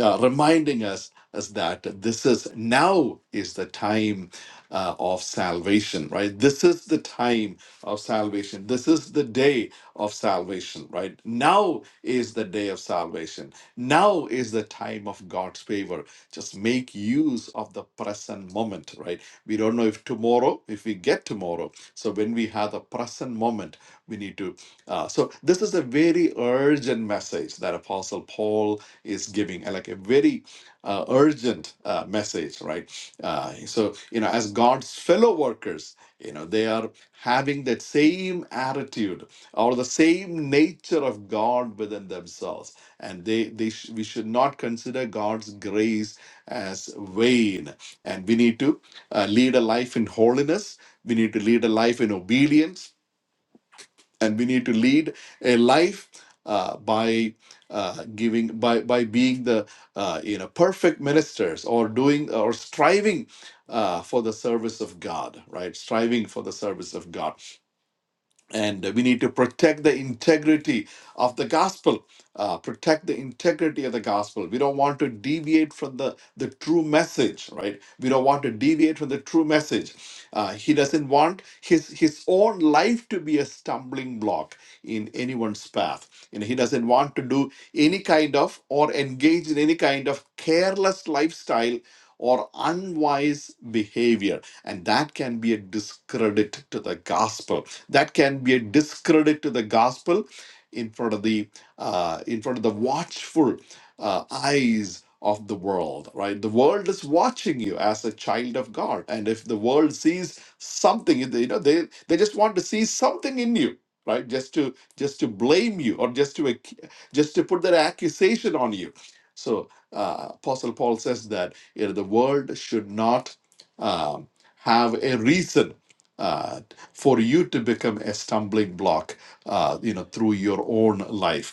Speaker 2: uh, reminding us as that this is now is the time uh, of salvation, right? This is the time of salvation. This is the day of salvation, right? Now is the day of salvation. Now is the time of God's favor. Just make use of the present moment, right? We don't know if tomorrow, if we get tomorrow. So when we have the present moment, we need to. Uh, so this is a very urgent message that Apostle Paul is giving, uh, like a very uh, urgent uh, message, right? Uh, so you know, as God's fellow workers, you know, they are having that same attitude or the same nature of God within themselves, and they they sh- we should not consider God's grace as vain, and we need to uh, lead a life in holiness. We need to lead a life in obedience and we need to lead a life uh, by uh, giving by by being the uh, you know perfect ministers or doing or striving uh, for the service of God, right? Striving for the service of God and we need to protect the integrity of the gospel uh, protect the integrity of the gospel we don't want to deviate from the the true message right we don't want to deviate from the true message uh, he doesn't want his his own life to be a stumbling block in anyone's path you know he doesn't want to do any kind of or engage in any kind of careless lifestyle or unwise behavior and that can be a discredit to the gospel. That can be a discredit to the gospel in front of the uh, in front of the watchful uh, eyes of the world. Right, the world is watching you as a child of God, and if the world sees something, you know, they they just want to see something in you, right? Just to just to blame you or just to ac- just to put that accusation on you. So uh, Apostle Paul says that you know, the world should not. Um, have a reason uh, for you to become a stumbling block, uh, you know, through your own life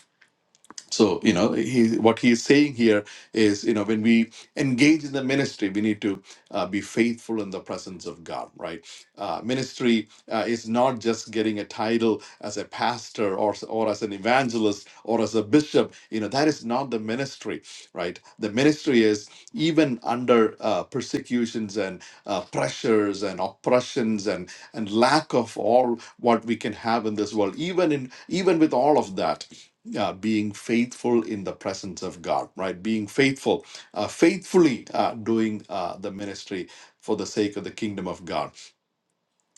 Speaker 2: so, you know, he, what he is saying here is, you know, when we engage in the ministry, we need to uh, be faithful in the presence of God, right? Uh, ministry uh, is not just getting a title as a pastor or, or as an evangelist or as a bishop. You know, that is not the ministry, right? The ministry is even under uh, persecutions and uh, pressures and oppressions and, and lack of all what we can have in this world, even in even with all of that uh, being faithful in the presence of God, right? Being faithful, uh, faithfully uh, doing uh, the ministry for the sake of the kingdom of God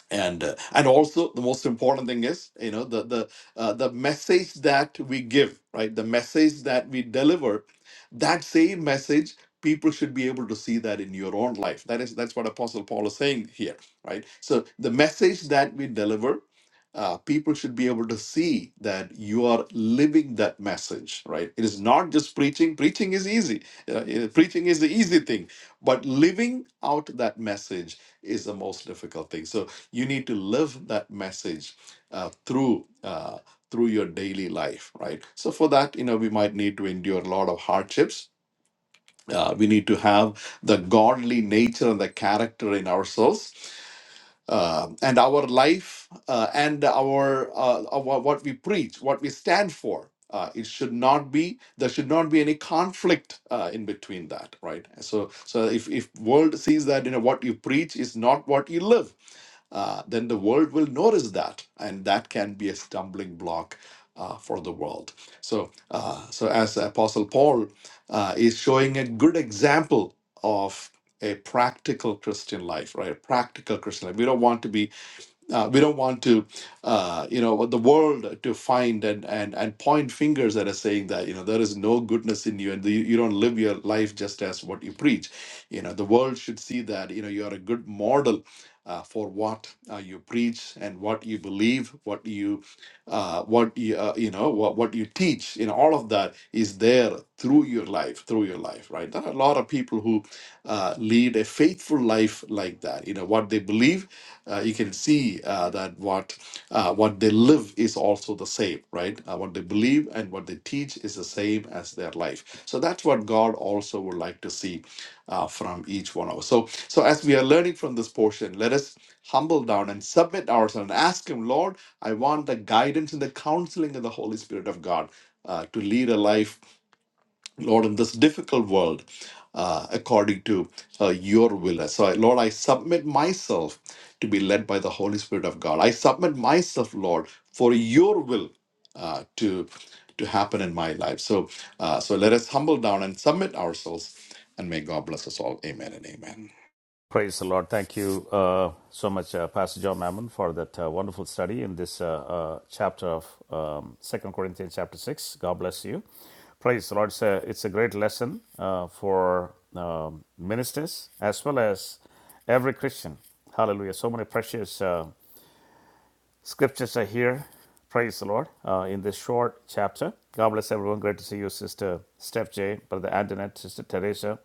Speaker 2: and uh, and also the most important thing is you know the the uh, the message that we give right the message that we deliver that same message people should be able to see that in your own life that is that's what apostle paul is saying here right so the message that we deliver uh, people should be able to see that you are living that message right it is not just preaching preaching is easy you know, preaching is the easy thing but living out that message is the most difficult thing so you need to live that message uh, through uh, through your daily life right so for that you know we might need to endure a lot of hardships uh, we need to have the godly nature and the character in ourselves uh, and our life uh, and our, uh, our what we preach what we stand for uh, it should not be there should not be any conflict uh, in between that right so so if if world sees that you know what you preach is not what you live uh, then the world will notice that, and that can be a stumbling block uh, for the world. So, uh, so as Apostle Paul uh, is showing a good example of a practical Christian life, right? A practical Christian life. We don't want to be uh, we don't want to, uh, you know, the world to find and, and and point fingers at us saying that you know there is no goodness in you and you, you don't live your life just as what you preach. You know, the world should see that you know you are a good model uh, for what uh, you preach and what you believe, what you uh, what you, uh, you know, what, what you teach, you know, all of that is there through your life, through your life, right? There are a lot of people who uh, lead a faithful life like that. You know, what they believe, uh, you can see uh, that what uh, what they live is also the same, right? Uh, what they believe and what they teach is the same as their life. So that's what God also would like to see uh, from each one of us. So, so as we are learning from this portion, let us humble down and submit ourselves and ask Him, Lord, I want the guidance and the counseling of the Holy Spirit of God uh, to lead a life Lord, in this difficult world, uh, according to uh, your will. uh, So, I- Lord, I submit myself to be led by the Holy Spirit of God. I submit myself, Lord, for your will uh, to to happen in my life. So, uh, so let us humble down and submit ourselves, and may God bless us all. Amen and amen.
Speaker 1: Praise the Lord. Thank you uh, so much, uh, Pastor John Mammon, for that uh, wonderful study in this uh, uh, chapter of um, 2 Corinthians, chapter 6. God bless you. Praise the Lord. It's a, it's a great lesson uh, for um, ministers as well as every Christian. Hallelujah. So many precious. Uh, scriptures are here. Praise the Lord. Uh, in this short chapter. God bless everyone. Great to see you, Sister Steph J, Brother Antoinette, Sister Teresa,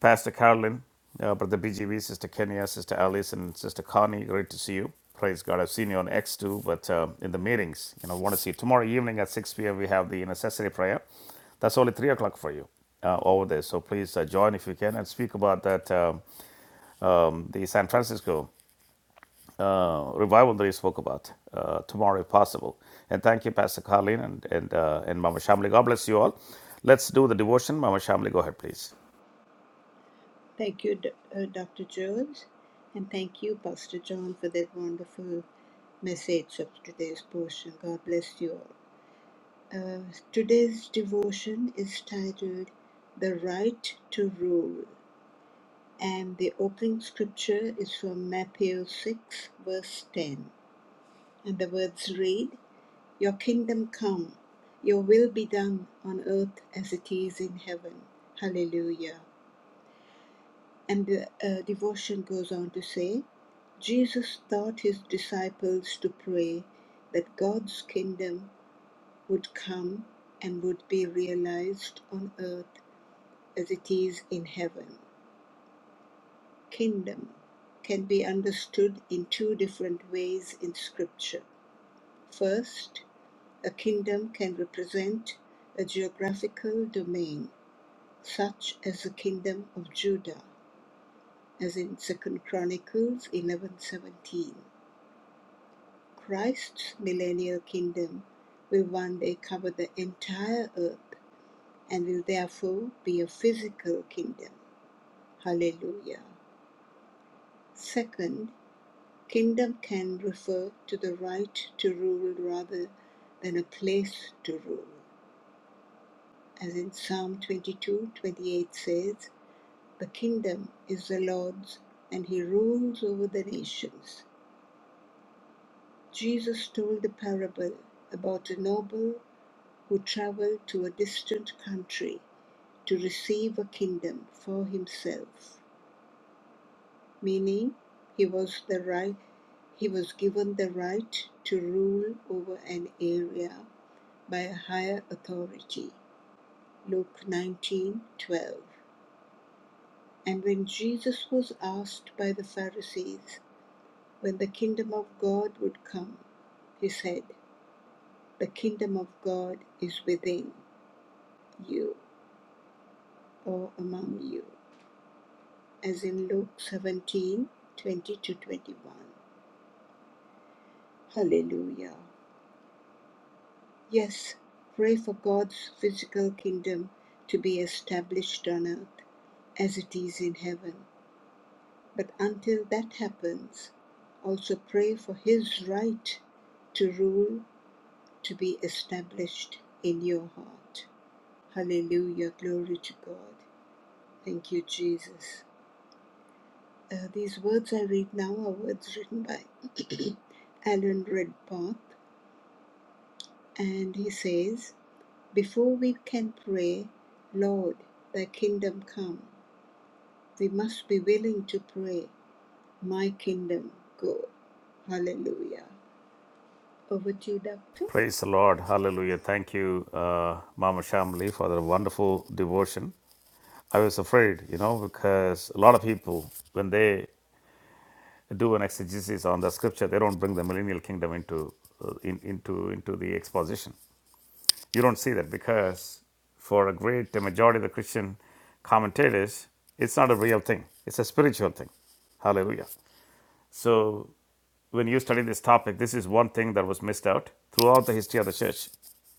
Speaker 1: Pastor Carolyn, uh, Brother BGV, Sister Kenya, Sister Alice, and Sister Connie. Great to see you. Praise God. I've seen you on x too, but uh, in the meetings, you know, want to see you. Tomorrow evening at 6 p.m., we have the necessary prayer. That's only 3 o'clock for you uh, over there. So please uh, join if you can and speak about that um, um, the San Francisco uh, revival that you spoke about uh, tomorrow, if possible. And thank you, Pastor Carlin and and, uh, and Mama Shamli. God bless you all. Let's do the devotion. Mama Shamli, go ahead, please.
Speaker 3: Thank you, uh, Dr. George, and thank you, Pastor John, for that wonderful message of today's portion. God bless you all. Today's devotion is titled The Right to Rule, and the opening scripture is from Matthew 6, verse 10. And the words read Your kingdom come, your will be done on earth as it is in heaven. Hallelujah. And the uh, devotion goes on to say, Jesus taught his disciples to pray that God's kingdom would come and would be realized on earth as it is in heaven. Kingdom can be understood in two different ways in Scripture. First, a kingdom can represent a geographical domain, such as the kingdom of Judah, as in Second Chronicles 11:17. Christ's millennial kingdom will one day cover the entire earth and will therefore be a physical kingdom. Hallelujah. Second, Kingdom can refer to the right to rule rather than a place to rule. As in Psalm 22 28 says, The kingdom is the Lord's, and he rules over the nations. Jesus told a parable about a noble who traveled to a distant country to receive a kingdom for himself, meaning he was the right he was given the right to rule over an area by a higher authority. Luke 19:12. And when Jesus was asked by the Pharisees when the kingdom of God would come, he said, "The kingdom of God is within you or among you," as in Luke 17:20 to 21. Hallelujah. Yes, pray for God's physical kingdom to be established on earth as it is in heaven. But until that happens, also pray for His right to rule to be established in your heart. Hallelujah. Glory to God. Thank you, Jesus. Uh, these words I read now are words written by Alan Redpath, and he says, Before we can pray, Lord, thy kingdom come, we must be willing to pray, My kingdom go. Hallelujah. Over to you, Doctor.
Speaker 1: Praise the Lord. Hallelujah. Thank you, uh, Mama Shamli, for the wonderful devotion. I was afraid, you know, because a lot of people, when they do an exegesis on the scripture, they don't bring the millennial kingdom into uh, in, into into the exposition. You don't see that because for a great majority of the Christian commentators, it's not a real thing, it's a spiritual thing. Hallelujah. So, when you study this topic, this is one thing that was missed out throughout the history of the church.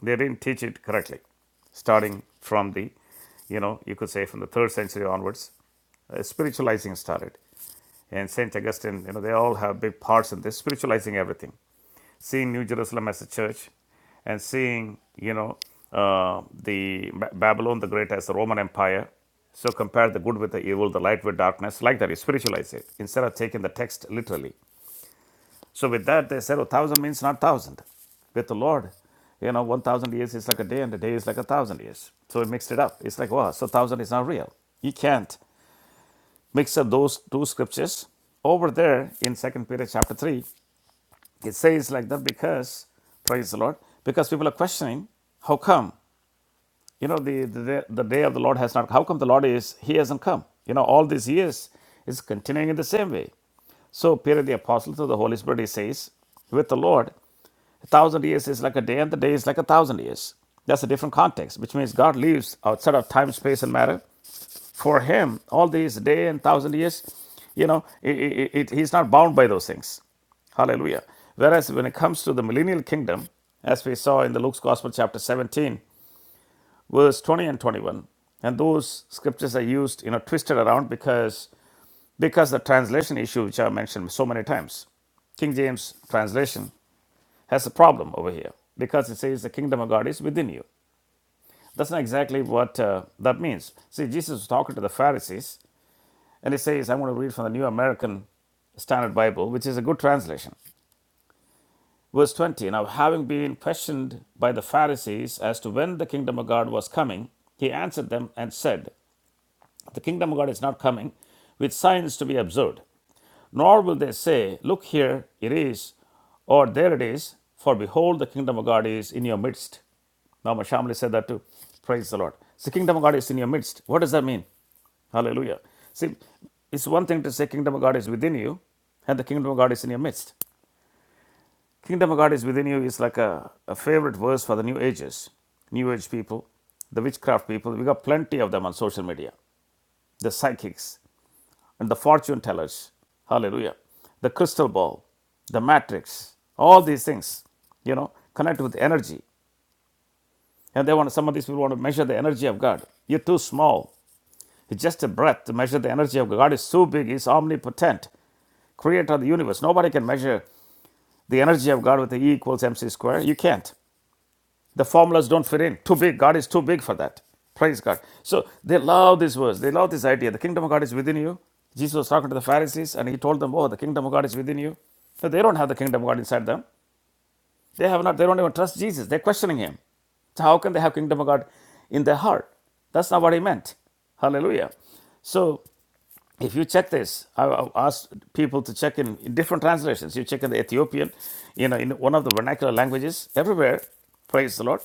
Speaker 1: They didn't teach it correctly, starting from the, you know, you could say from the third century onwards, uh, spiritualizing started. And St. Augustine, you know, they all have big parts in this, spiritualizing everything seeing New Jerusalem as a church and seeing, you know, uh, the Ba- Babylon the Great as the Roman Empire. So compare the good with the evil, the light with darkness, like that. You spiritualize it instead of taking the text literally. So with that, they said, oh, thousand means not thousand. With the Lord, you know, 1,000 years is like a day and a day is like a thousand years. So we mixed it up. It's like, wow, so thousand is not real. You can't mix up those two scriptures. Over there in Second Peter chapter 3, it says like that because, praise the Lord, because people are questioning, how come, you know, the, the, day- the day of the Lord has not, how come the Lord is, he hasn't come? You know, all these years is continuing in the same way. So Peter the Apostle through the Holy Spirit, he says, with the Lord, a thousand years is like a day and the day is like a thousand years. That's a different context, which means God lives outside of time, space, and matter for him all these day and thousand years you know it, it, it- he's not bound by those things hallelujah whereas when it comes to the millennial kingdom as we saw in the luke's gospel chapter 17 verse 20 and 21 and those scriptures are used you know twisted around because because the translation issue which i mentioned so many times king james translation has a problem over here because it says the kingdom of god is within you that's not exactly what uh, that means see jesus was talking to the pharisees And he says, I'm going to read from the New American Standard Bible, which is a good translation. Verse 20 Now, having been questioned by the Pharisees as to when the kingdom of God was coming, he answered them and said, The kingdom of God is not coming with signs to be observed nor will they say, Look here it is, or there it is, for behold, the kingdom of God is in your midst. Now, my Shamli said that too. Praise the Lord. The kingdom of God is in your midst. What does that mean? Hallelujah. See, it's one thing to say kingdom of God is within you, and the kingdom of God is in your midst. Kingdom of God is within you is like a, a favorite verse for the new ages, new age people, the witchcraft people. We got plenty of them on social media. The psychics, and the fortune tellers. Hallelujah. The crystal ball, the matrix, all these things, you know, connect with energy. And they want some of these people want to measure the energy of God. You're too small. It's just a breath to measure the energy of God. God is so big, He's omnipotent, creator of the universe. Nobody can measure the energy of God with the E equals MC square. You can't. The formulas don't fit in. Too big. God is too big for that. Praise God. So they love this verse. They love this idea. The kingdom of God is within you. Jesus was talking to the Pharisees and he told them, Oh, the kingdom of God is within you. So they don't have the kingdom of God inside them. They have not, they don't even trust Jesus. They're questioning him. So how can they have kingdom of God in their heart? That's not what he meant. Hallelujah. So if you check this, I- have asked people to check in, in different translations. You check in the Ethiopian, you know, in one of the vernacular languages, everywhere, praise the Lord.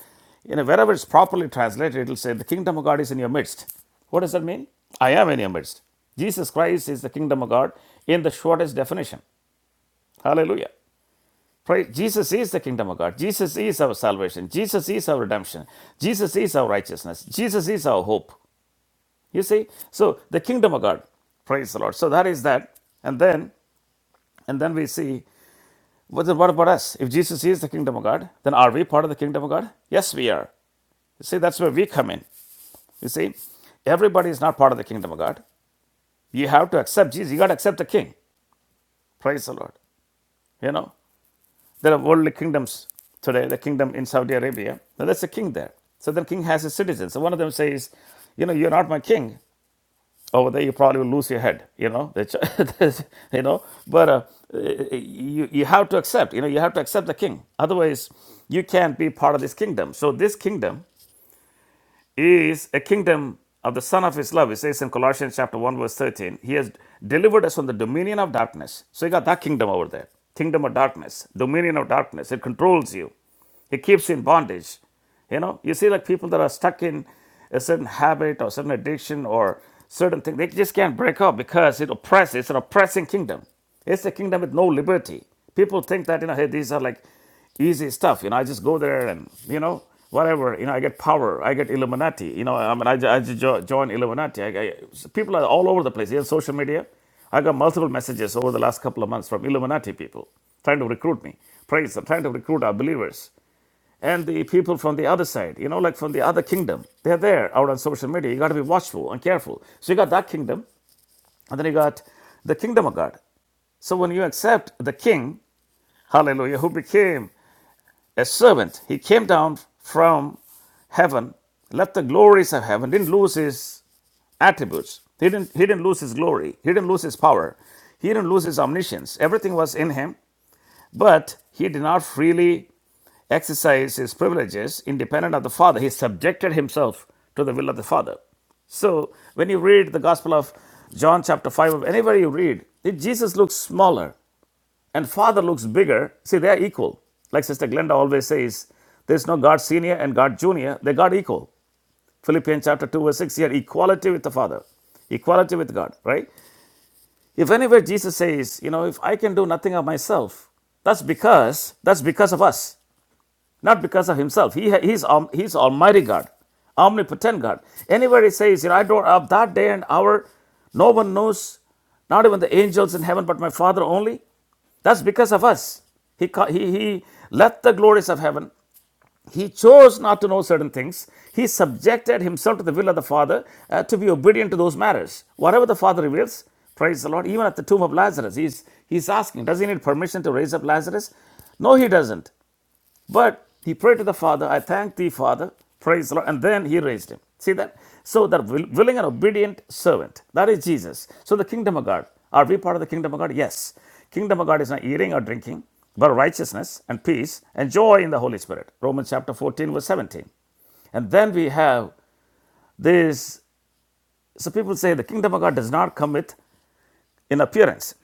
Speaker 1: You know, wherever it's properly translated, it'll say, The kingdom of God is in your midst. What does that mean? I am in your midst. Jesus Christ is the kingdom of God in the shortest definition. Hallelujah. Praise. Jesus is the kingdom of God. Jesus is our salvation. Jesus is our redemption. Jesus is our righteousness. Jesus is our hope. You see, so the kingdom of God, praise the Lord. So that is that, and then and then we see what, what about us? If Jesus is the kingdom of God, then are we part of the kingdom of God? Yes, we are. You see, that's where we come in. You see, everybody is not part of the kingdom of God. You have to accept Jesus. You got to accept the King. Praise the Lord. You know, there are worldly kingdoms today. The kingdom in Saudi Arabia. Now that's a king there. So the king has his citizens. So one of them says, you know, you're not my king. over there you probably will lose your head you know you know but uh, you you have to accept you know you have to accept the king otherwise you can't be part of this kingdom so this kingdom is a kingdom of the son of his love it says in colossians chapter 1 verse 13 he has delivered us from the dominion of darkness so you got that kingdom over there kingdom of darkness dominion of darkness it controls you it keeps you in bondage you know, you see like people that are stuck in a certain habit or certain addiction or certain thing, they just can't break up because it oppresses. It's an oppressing kingdom. It's a kingdom with no liberty. People think that you know, hey, these are like easy stuff. You know, I just go there and you know whatever. You know, I get power. I get Illuminati. You know, I mean, I, I just join Illuminati. I, I, so people are all over the place. Even social media. I got multiple messages over the last couple of months from Illuminati people trying to recruit me. Praise, them, trying to recruit our believers and the people from the other side, you know, like from the other kingdom, they're there out on social media. You got to be watchful and careful. So you got that kingdom, and then you got the kingdom of God. So when you accept the king, hallelujah, who became a servant, he came down from heaven, left the glories of heaven, didn't lose his attributes. He didn't, he didn't lose his glory. He didn't lose his power. He didn't lose his omniscience. Everything was in him, but he did not freely exercise his privileges independent of the Father. He subjected himself to the will of the Father. So when you read the Gospel of John, chapter 5, or anywhere you read, Jesus looks smaller and Father looks bigger. See, they are equal. Like Sister Glenda always says, there's no God senior and God junior, they're God equal. Philippians chapter 2, verse 6 here equality with the Father, equality with God, right? If anywhere Jesus says, you know, if I can do nothing of myself, that's because that's because of us not because of himself. He, ha- he's, om- he's Almighty God, omnipotent God. Anywhere he says, you know, I don't, of that day and hour, no one knows, not even the angels in heaven, but my Father only. That's because of us. He, he, he left the glories of heaven. He chose not to know certain things. He subjected himself to the will of the Father uh, to be obedient to those matters. Whatever the Father reveals, praise the Lord. Even at the tomb of Lazarus, he's, he's asking, does he need permission to raise up Lazarus? No, he doesn't. But he prayed to the Father, I thank thee, Father, praise the Lord, and then he raised him. See that? So that willing and obedient servant, that is Jesus. So the kingdom of God, are we part of the kingdom of God? Yes. Kingdom of God is not eating or drinking, but righteousness and peace and joy in the Holy Spirit. Romans chapter 14, verse 17. And then we have this. So people say the kingdom of God does not come with in appearance.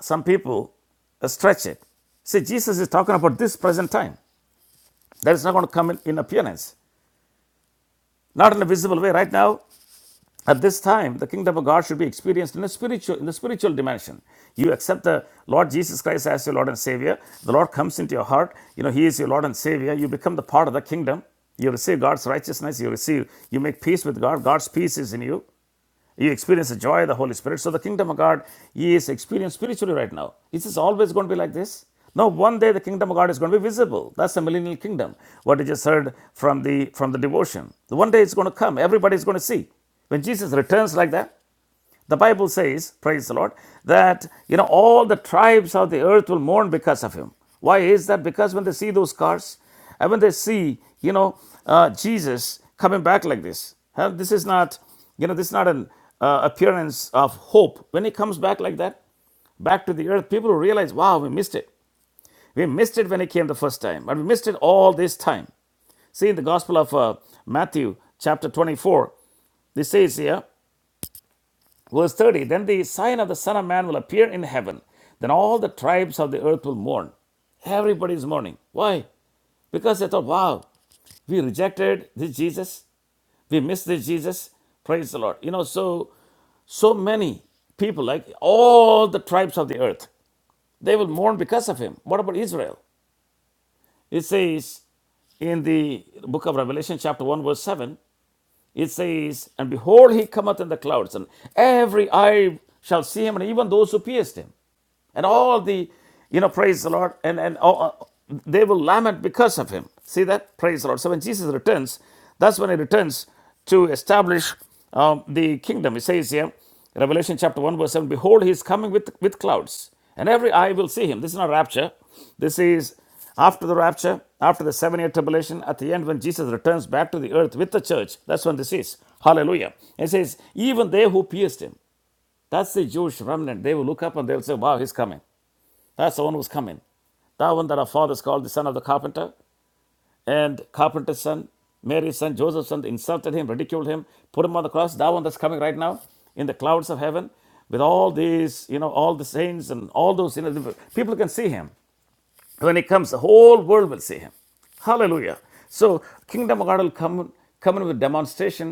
Speaker 1: Some people uh, stretch it. See, Jesus is talking about this present time. That is not going to come in, in appearance. not in a visible way. Right now, at this time, the kingdom of God should be experienced in a spiritual in the spiritual dimension. You accept the Lord Jesus Christ as your Lord and Savior. The Lord comes into your heart. You know He is your Lord and Savior. You become the part of the kingdom. You receive God's righteousness. You receive. You make peace with God. God's peace is in you. You experience the joy of the Holy Spirit. So the kingdom of God is experienced spiritually right now. Is this always going to be like this? No, one day the kingdom of God is going to be visible. That's the millennial kingdom. What you just heard from the from the devotion. One day it's going to come. Everybody is going to see. When Jesus returns like that, the Bible says, praise the Lord, that you know all the tribes of the earth will mourn because of him. Why is that? Because when they see those cars, and when they see you know uh, Jesus coming back like this, huh, this is not you know this is not an uh, appearance of hope. When he comes back like that, back to the earth, people will realize, wow, we missed it. We missed it when He came the first time, but we missed it all this time. See, in the Gospel of uh, Matthew, chapter 24, this says here, Verse 30 Then the sign of the Son of Man will appear in heaven. Then all the tribes of the earth will mourn. Everybody is mourning. Why? Because they thought, wow, we rejected this Jesus. We missed this Jesus. Praise the Lord. You know, so so many people, like all the tribes of the earth, they will mourn because of him. What about Israel? It says in the book of Revelation, chapter 1, verse 7, it says, And behold, he cometh in the clouds, and every eye shall see him, and even those who pierced him. and all the you know praise the lord and and oh, oh, they will lament because of him see that praise the lord so when jesus returns that's when he returns to establish um, the kingdom it says here revelation chapter 1 verse 7 behold he is coming with with clouds and every eye will see him this is not rapture this is after the rapture after the seven year tribulation at the end when jesus returns back to the earth with the church that's when this is hallelujah it says even they who pierced him that's the Jewish remnant. They will look up and they'll say, Wow, he's coming. That's the one who's coming. That one that our fathers called the son of the carpenter, and carpenter's son, Mary's son, Joseph's son, insulted him, ridiculed him, put him on the cross. That one that's coming right now in the clouds of heaven with all these, you know, all the saints and all those, you know, people can see him. When he comes, the whole world will see him. Hallelujah. So, kingdom of God will come, come in with demonstration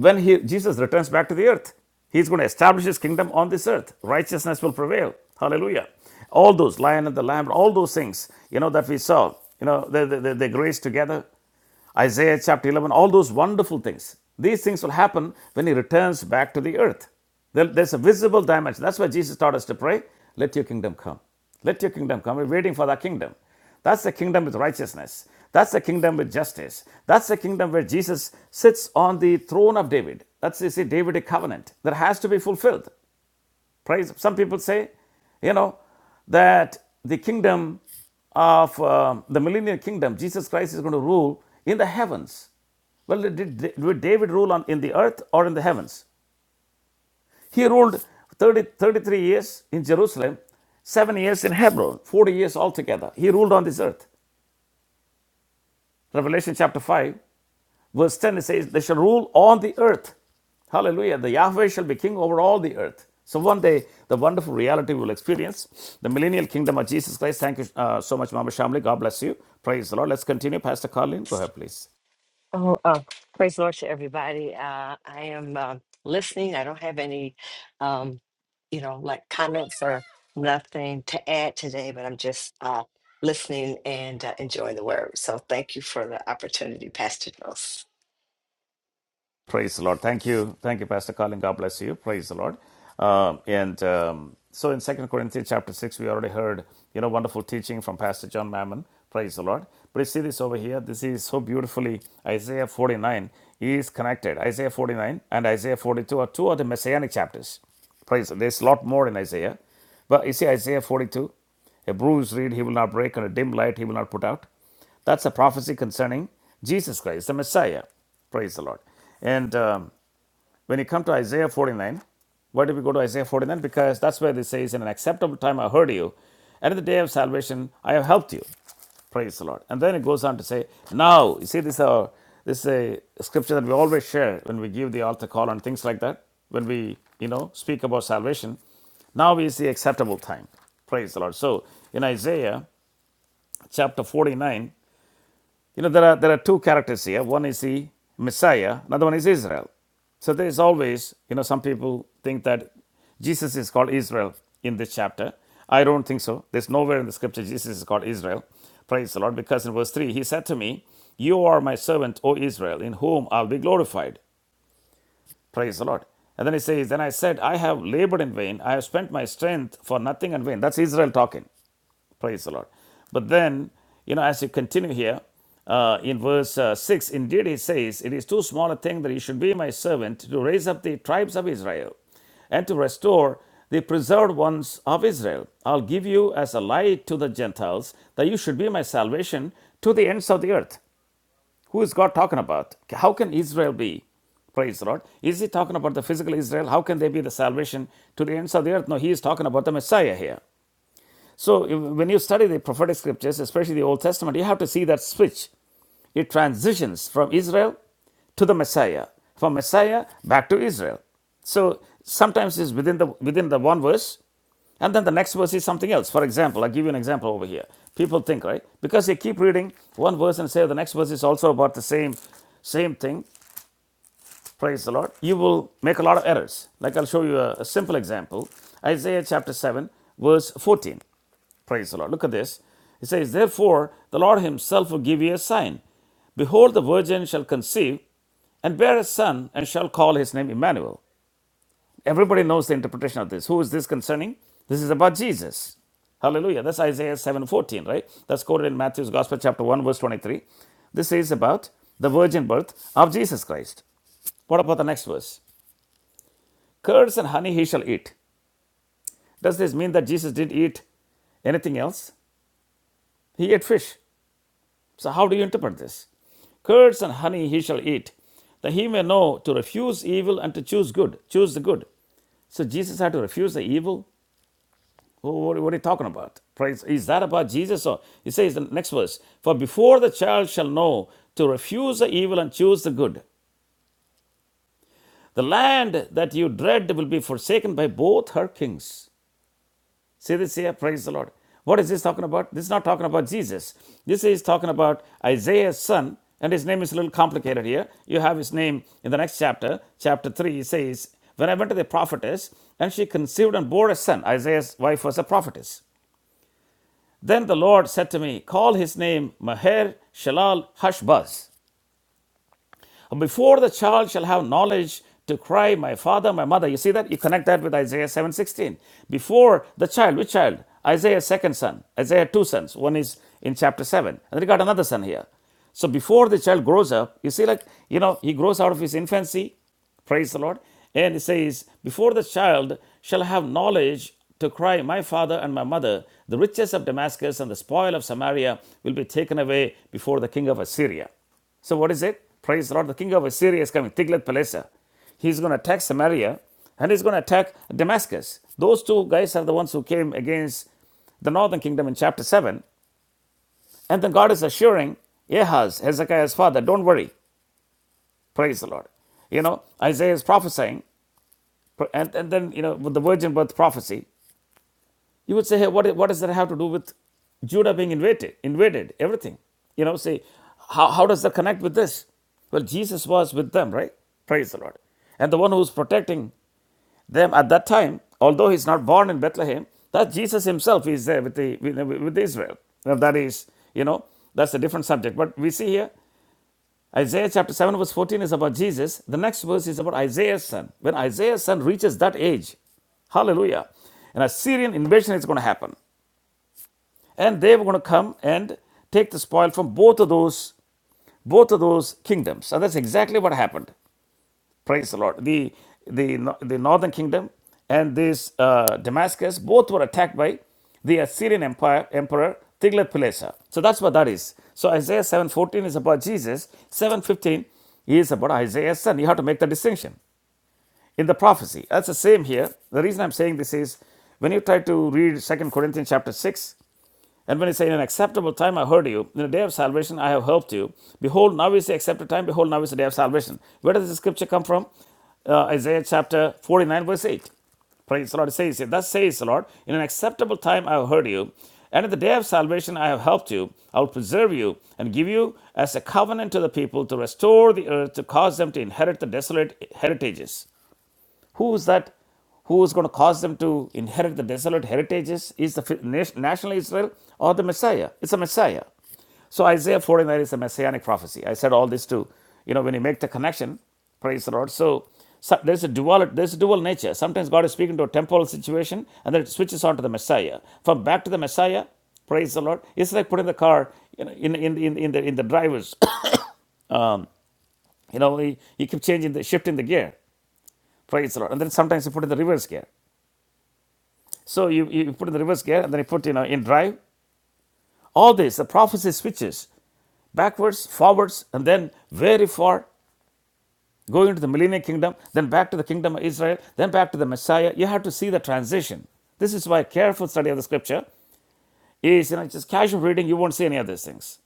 Speaker 1: when he, Jesus returns back to the earth, he's going to establish his kingdom on this earth. Righteousness will prevail. Hallelujah. All those, lion and the lamb, all those things, you know, that we saw, you know, they, they, they, grace together. Isaiah chapter 11, all those wonderful things. These things will happen when he returns back to the earth. Then there's a visible dimension. That's why Jesus taught us to pray, let your kingdom come. Let your kingdom come. We're waiting for that kingdom. That's the kingdom with righteousness. That's the kingdom with justice. That's the kingdom where Jesus sits on the throne of David. That's you see, Davidic covenant that has to be fulfilled. Praise. Some people say, you know, that the kingdom of uh, the millennial kingdom, Jesus Christ is going to rule in the heavens. Well, did, did- did David rule on, in the earth or in the heavens? He ruled 30 33 years in Jerusalem, 7 years in Hebron, 40 years altogether. He ruled on this earth. Revelation chapter 5, verse 10 it says, They shall rule on the earth. Hallelujah. The Yahweh shall be king over all the earth. So one day, the wonderful reality we will experience the millennial kingdom of Jesus Christ. Thank you uh, so much, Mama Shamli. God bless you. Praise the Lord. Let's continue. Pastor Carlin, go ahead, please.
Speaker 4: Oh, uh, praise the Lord to everybody. Uh, I am uh, listening. I don't have any, um, you know, like comments or nothing to add today, but I'm just uh, listening and uh, enjoying the word. So thank you for the opportunity, Pastor Jones.
Speaker 1: Praise the Lord. Thank you. Thank you, Pastor Colin. God bless you. Praise the Lord. Um, and um, so in Second Corinthians chapter 6, we already heard, you know, wonderful teaching from Pastor John Mammon. Praise the Lord. But you see this over here. This is so beautifully Isaiah 49 is connected. Isaiah 49 and Isaiah 42 are two of the messianic chapters. Praise the Lord. There's a lot more in Isaiah. But you see Isaiah 42, a bruised reed he will not break, and a dim light he will not put out. That's a prophecy concerning Jesus Christ, the Messiah. Praise the Lord. And um, when you come to Isaiah 49, why do we go to Isaiah 49? Because that's where this says, In an acceptable time I heard you, and in the day of salvation I have helped you. Praise the Lord. And then it goes on to say, Now, you see, this, is a this is a scripture that we always share when we give the altar call and things like that, when we, you know, speak about salvation. Now is the acceptable time. Praise the Lord. So in Isaiah chapter 49, you know, there are, there are two characters here. One is the Messiah, another one is Israel. So there is always, you know, some people think that Jesus is called Israel in this chapter. I don't think so. There's nowhere in the scripture Jesus is called Israel. Praise the Lord. Because in verse 3, he said to me, You are my servant, O Israel, in whom I'll be glorified. Praise the Lord. And then he says, Then I said, I have labored in vain. I have spent my strength for nothing and vain. That's Israel talking. Praise the Lord. But then, you know, as you continue here, uh, in verse uh, 6, indeed he says, It is too small a thing that he should be my servant to raise up the tribes of Israel and to restore the preserved ones of Israel. I'll give you as a light to the Gentiles that you should be my salvation to the ends of the earth. Who is God talking about? How can Israel be? Praise the Lord. Is he talking about the physical Israel? How can they be the salvation to the ends of the earth? No, he is talking about the Messiah here. So if- when you study the prophetic scriptures, especially the Old Testament, you have to see that switch. It transitions from Israel to the Messiah, from Messiah back to Israel. So sometimes it's within the within the one verse, and then the next verse is something else. For example, I'll give you an example over here. People think, right? Because they keep reading one verse and say the next verse is also about the same same thing. Praise the Lord. You will make a lot of errors. Like I'll show you a, a simple example. Isaiah chapter 7, verse 14. Praise the Lord. Look at this. It says, Therefore, the Lord himself will give you a sign. Behold, the virgin shall conceive and bear a son and shall call his name Emmanuel. Everybody knows the interpretation of this. Who is this concerning? This is about Jesus. Hallelujah. That's Isaiah 7:14, right? That's quoted in Matthew's Gospel, chapter 1, verse 23. This is about the virgin birth of Jesus Christ. What about the next verse? Curds and honey he shall eat. Does this mean that Jesus did eat anything else? He ate fish. So, how do you interpret this? Curds and honey he shall eat, that he may know to refuse evil and to choose good. Choose the good. So, Jesus had to refuse the evil? What are you talking about? Praise. Is that about Jesus? Or he says in the next verse For before the child shall know to refuse the evil and choose the good, the land that you dread will be forsaken by both her kings. See this here, praise the Lord. What is this talking about? This is not talking about Jesus. This is talking about Isaiah's son, and his name is a little complicated here. You have his name in the next chapter, chapter 3, He says, When I went to the prophetess, and she conceived and bore a son. Isaiah's wife was a prophetess. Then the Lord said to me, Call his name Maher Shalal Hashbaz. Before the child shall have knowledge to cry, my father, my mother. You see that? You connect that with Isaiah 7.16. Before the child, which child? Isaiah's second son. Isaiah two sons. One is in chapter 7. And then he got another son here. So before the child grows up, you see, like, you know, he grows out of his infancy. Praise the Lord. And it says, Before the child shall have knowledge to cry, My father and my mother, the riches of Damascus and the spoil of Samaria will be taken away before the king of Assyria. So what is it? Praise the Lord, the king of Assyria is coming, Tiglath-Pileser. He's going to attack Samaria and he's going to attack Damascus. Those two guys are the ones who came against the northern kingdom in chapter 7. And then God is assuring Ahaz, Hezekiah's father, don't worry. Praise the Lord. You know, Isaiah is prophesying. And, and then, you know, with the virgin birth prophecy, You would say, hey, what, what does that have to do with Judah being invaded? Invaded, everything. You know, say, how, how does that connect with this? Well, Jesus was with them, right? Praise the Lord. And the one who's protecting them at that time, although he's not born in Bethlehem, that Jesus himself is there with, the, with, with Israel. Now, that is, you know, that's a different subject. But we see here, Isaiah chapter 7, verse 14 is about Jesus. The next verse is about Isaiah's son. When Isaiah's son reaches that age, Hallelujah. An Assyrian invasion is going to happen and they were going to come and take the spoil from both of those both of those kingdoms and that's exactly what happened praise the lord the the, no- the northern kingdom and this uh, damascus both were attacked by the assyrian empire emperor tiglath-pileser so that's what that is so isaiah 7.14 is about jesus 7.15 is about isaiah's son you have to make the distinction in the prophecy that's the same here the reason i'm saying this is when you try to read Second corinthians chapter 6 and when he said, In an acceptable time I heard you, in the day of salvation I have helped you. Behold, now is the accepted time, behold, now is the day of salvation. Where does the scripture come from? Uh, Isaiah chapter 49, verse 8. Praise the Lord. It says, here, Thus says the Lord, In an acceptable time I have heard you, and in the day of salvation I have helped you. I will preserve you and give you as a covenant to the people to restore the earth, to cause them to inherit the desolate heritages. Who is that? Who is going to cause them to inherit the desolate heritages? Is the national Israel or the Messiah? It's a Messiah. So Isaiah 49 is a messianic prophecy. I said all this to, you know, when you make the connection, praise the Lord. So, so there's a dual there's a dual nature. Sometimes God is speaking to a temporal situation and then it switches on to the Messiah. From back to the Messiah, praise the Lord. It's like putting the car you know, in, in, in, in the in the drivers. you know, you, you keep changing the shifting the gear. Praise the Lord. And then sometimes you put in the reverse gear. So you, you put in the reverse gear and then you put you know in drive. All this, the prophecy switches backwards, forwards, and then very far, going into the millennial kingdom, then back to the kingdom of Israel, then back to the Messiah. You have to see the transition. This is why careful study of the scripture is you know just casual reading, you won't see any of these things.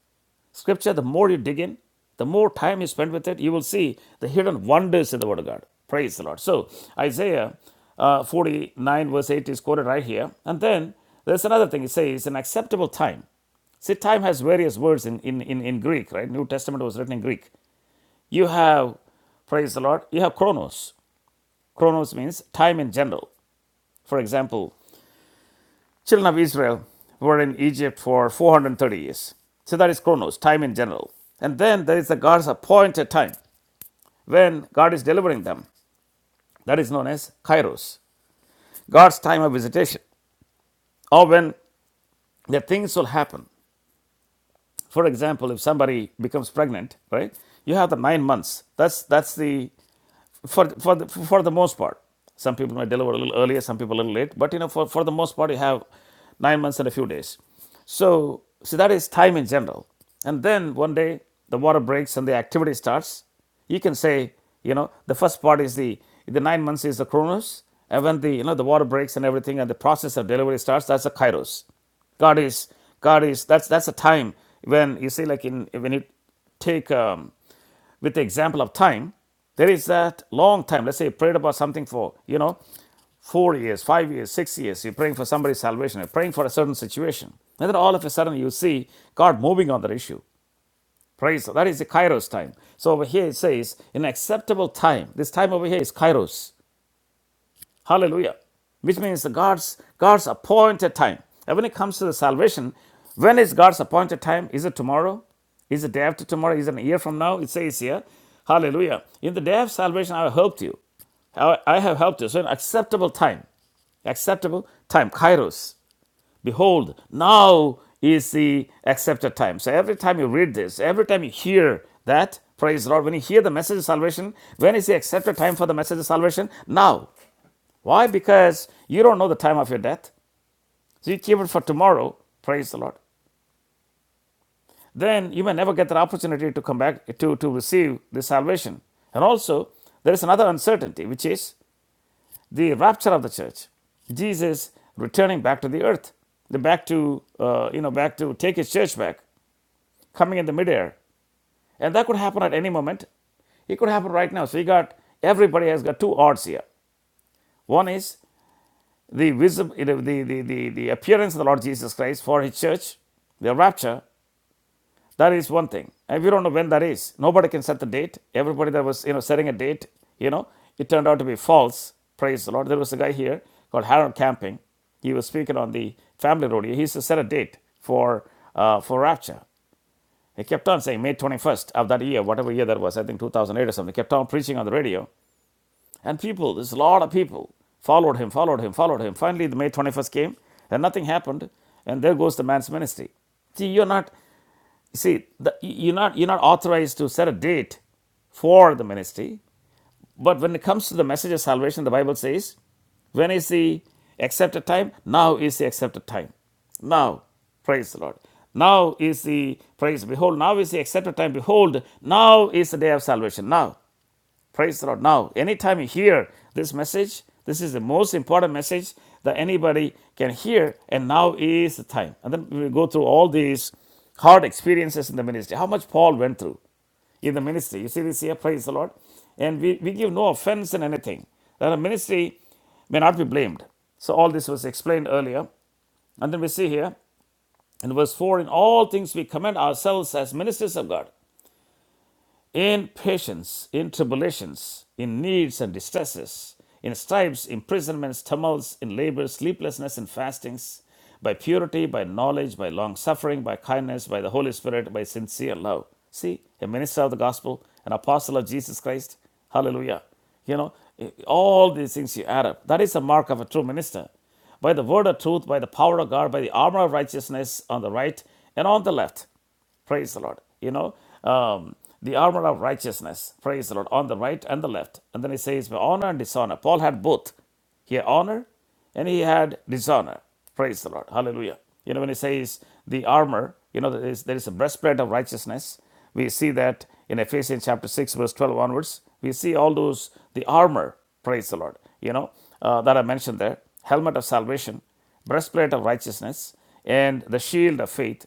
Speaker 1: Scripture, the more you dig in, the more time you spend with it, you will see the hidden wonders in the Word of God. Praise the Lord. So, Isaiah uh, 49, verse 8 is quoted right here. And then there's another thing. It says, an acceptable time. See, time has various words in, in, in, in Greek, right? New Testament was written in Greek. You have, praise the Lord, you have chronos. Chronos means time in general. For example, Children of Israel were in Egypt for 430 years. So that is chronos, time in general. And then there is the God's appointed time when God is delivering them. That is known as kairos, God's time of visitation, or when the things will happen. For example, if somebody becomes pregnant, right? You have the nine months. That's that's the for, for, the, for the most part. Some people might deliver a little earlier, some people a little late, but you know, for, for the most part, you have nine months and a few days. So, so that is time in general. And then one day the water breaks and the activity starts. You can say, you know, the first part is the the nine months is the chronos, and when the you know the water breaks and everything and the process of delivery starts, that's the kairos. God is God is that's that's a time when you see like in when you take um, with the example of time, there is that long time. Let's say you prayed about something for, you know, four years, five years, six years. You're praying for somebody's salvation. You're praying for a certain situation. And then all of a sudden you see God moving on that issue. Praise. That is the kairos time. So over here it says, in acceptable time. This time over here is kairos. Hallelujah. Which means the God's God's appointed time. And when it comes to the salvation, when is God's appointed time? Is it tomorrow? Is it day after tomorrow? Is it a year from now? It says here. Hallelujah. In the day of salvation, I have helped you. I have helped you. So an acceptable time acceptable time, kairos. Behold, now is the accepted time. So every time you read this, every time you hear that, praise the Lord, when you hear the message of salvation, when is the accepted time for the message of salvation? Now. Why? Because you don't know the time of your death. So you keep it for tomorrow. Praise the Lord. Then you may never get that opportunity to come back to, to receive the salvation. And also, there is another uncertainty, which is the rapture of the church. Jesus returning back to the earth, the back to uh, you know back to take his church back, coming in the midair, and that could happen at any moment. It could happen right now. So you got everybody has got two odds here. One is the, visible, the, the, the, the appearance of the Lord Jesus Christ for his church, the rapture, that is one thing. And we don't know when that is. Nobody can set the date. Everybody that was, you know, setting a date, you know, it turned out to be false. Praise the Lord. There was a guy here called Harold Camping. He was speaking on the family rodeo. He used to set a date for, uh, for rapture. He kept on saying May 21st of that year, whatever year that was, I think 2008 or something, He kept on preaching on the radio. And people, there's a lot of people followed him, followed him, followed him. Finally, the May 21st came and nothing happened. And there goes the man's ministry. See, you're not, see, the, you're not, you're not authorized to set a date for the ministry. But when it comes to the message of salvation, the Bible says, when is the accepted time? Now is the accepted time. Now, praise the Lord. Now is the praise. Behold, now is the accepted time. Behold, now is the day of salvation. Now. Praise the Lord. Now, anytime you hear this message, this is the most important message that anybody can hear, and now is the time. And then we go through all these hard experiences in the ministry, how much Paul went through in the ministry. You see this here, praise the Lord. And we, we give no offense in anything. That a ministry may not be blamed. So all this was explained earlier. And then we see here in verse 4 in all things we commend ourselves as ministers of God in patience, in tribulations, in needs and distresses, in stripes, imprisonments, tumults, in labor, sleeplessness, and fastings, by purity, by knowledge, by long suffering, by kindness, by the Holy Spirit, by sincere love. See, a minister of the gospel, an apostle of Jesus Christ. Hallelujah. You know, all these things you add up. That is the mark of a true minister by the word of truth, by the power of God, by the armor of righteousness on the right and on the left. Praise the Lord. You know, um, the armor of righteousness. Praise the Lord. On the right and the left. And then he says, honor and dishonor. Paul had both. He had honor and he had dishonor. Praise the Lord. Hallelujah. You know, when he says the armor, you know, there is, there is a breastplate of righteousness. We see that in Ephesians chapter 6, verse 12 onwards. We see all those, the armor, praise the Lord, you know, uh, that I mentioned there. Helmet of salvation, breastplate of righteousness, and the shield of faith.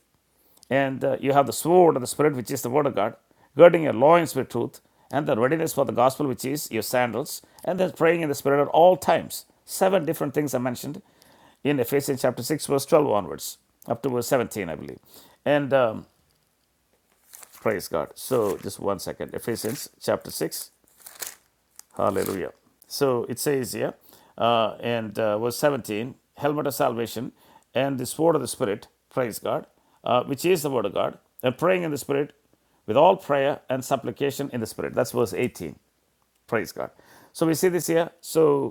Speaker 1: And uh, you have the sword of the Spirit, which is the Word of God, girding your loins with truth, and the readiness for the gospel, which is your sandals, and then praying in the Spirit at all times. Seven different things are mentioned in Ephesians chapter 6, verse 12 onwards, up to verse 17, I believe. And um, praise God. So, just one second. Ephesians chapter 6. Hallelujah. So it says here, uh, and uh, verse 17, helmet of salvation and the sword of the Spirit, praise God, uh, which is the word of God, and praying in the Spirit with all prayer and supplication in the Spirit. That's verse 18, praise God. So we see this here. So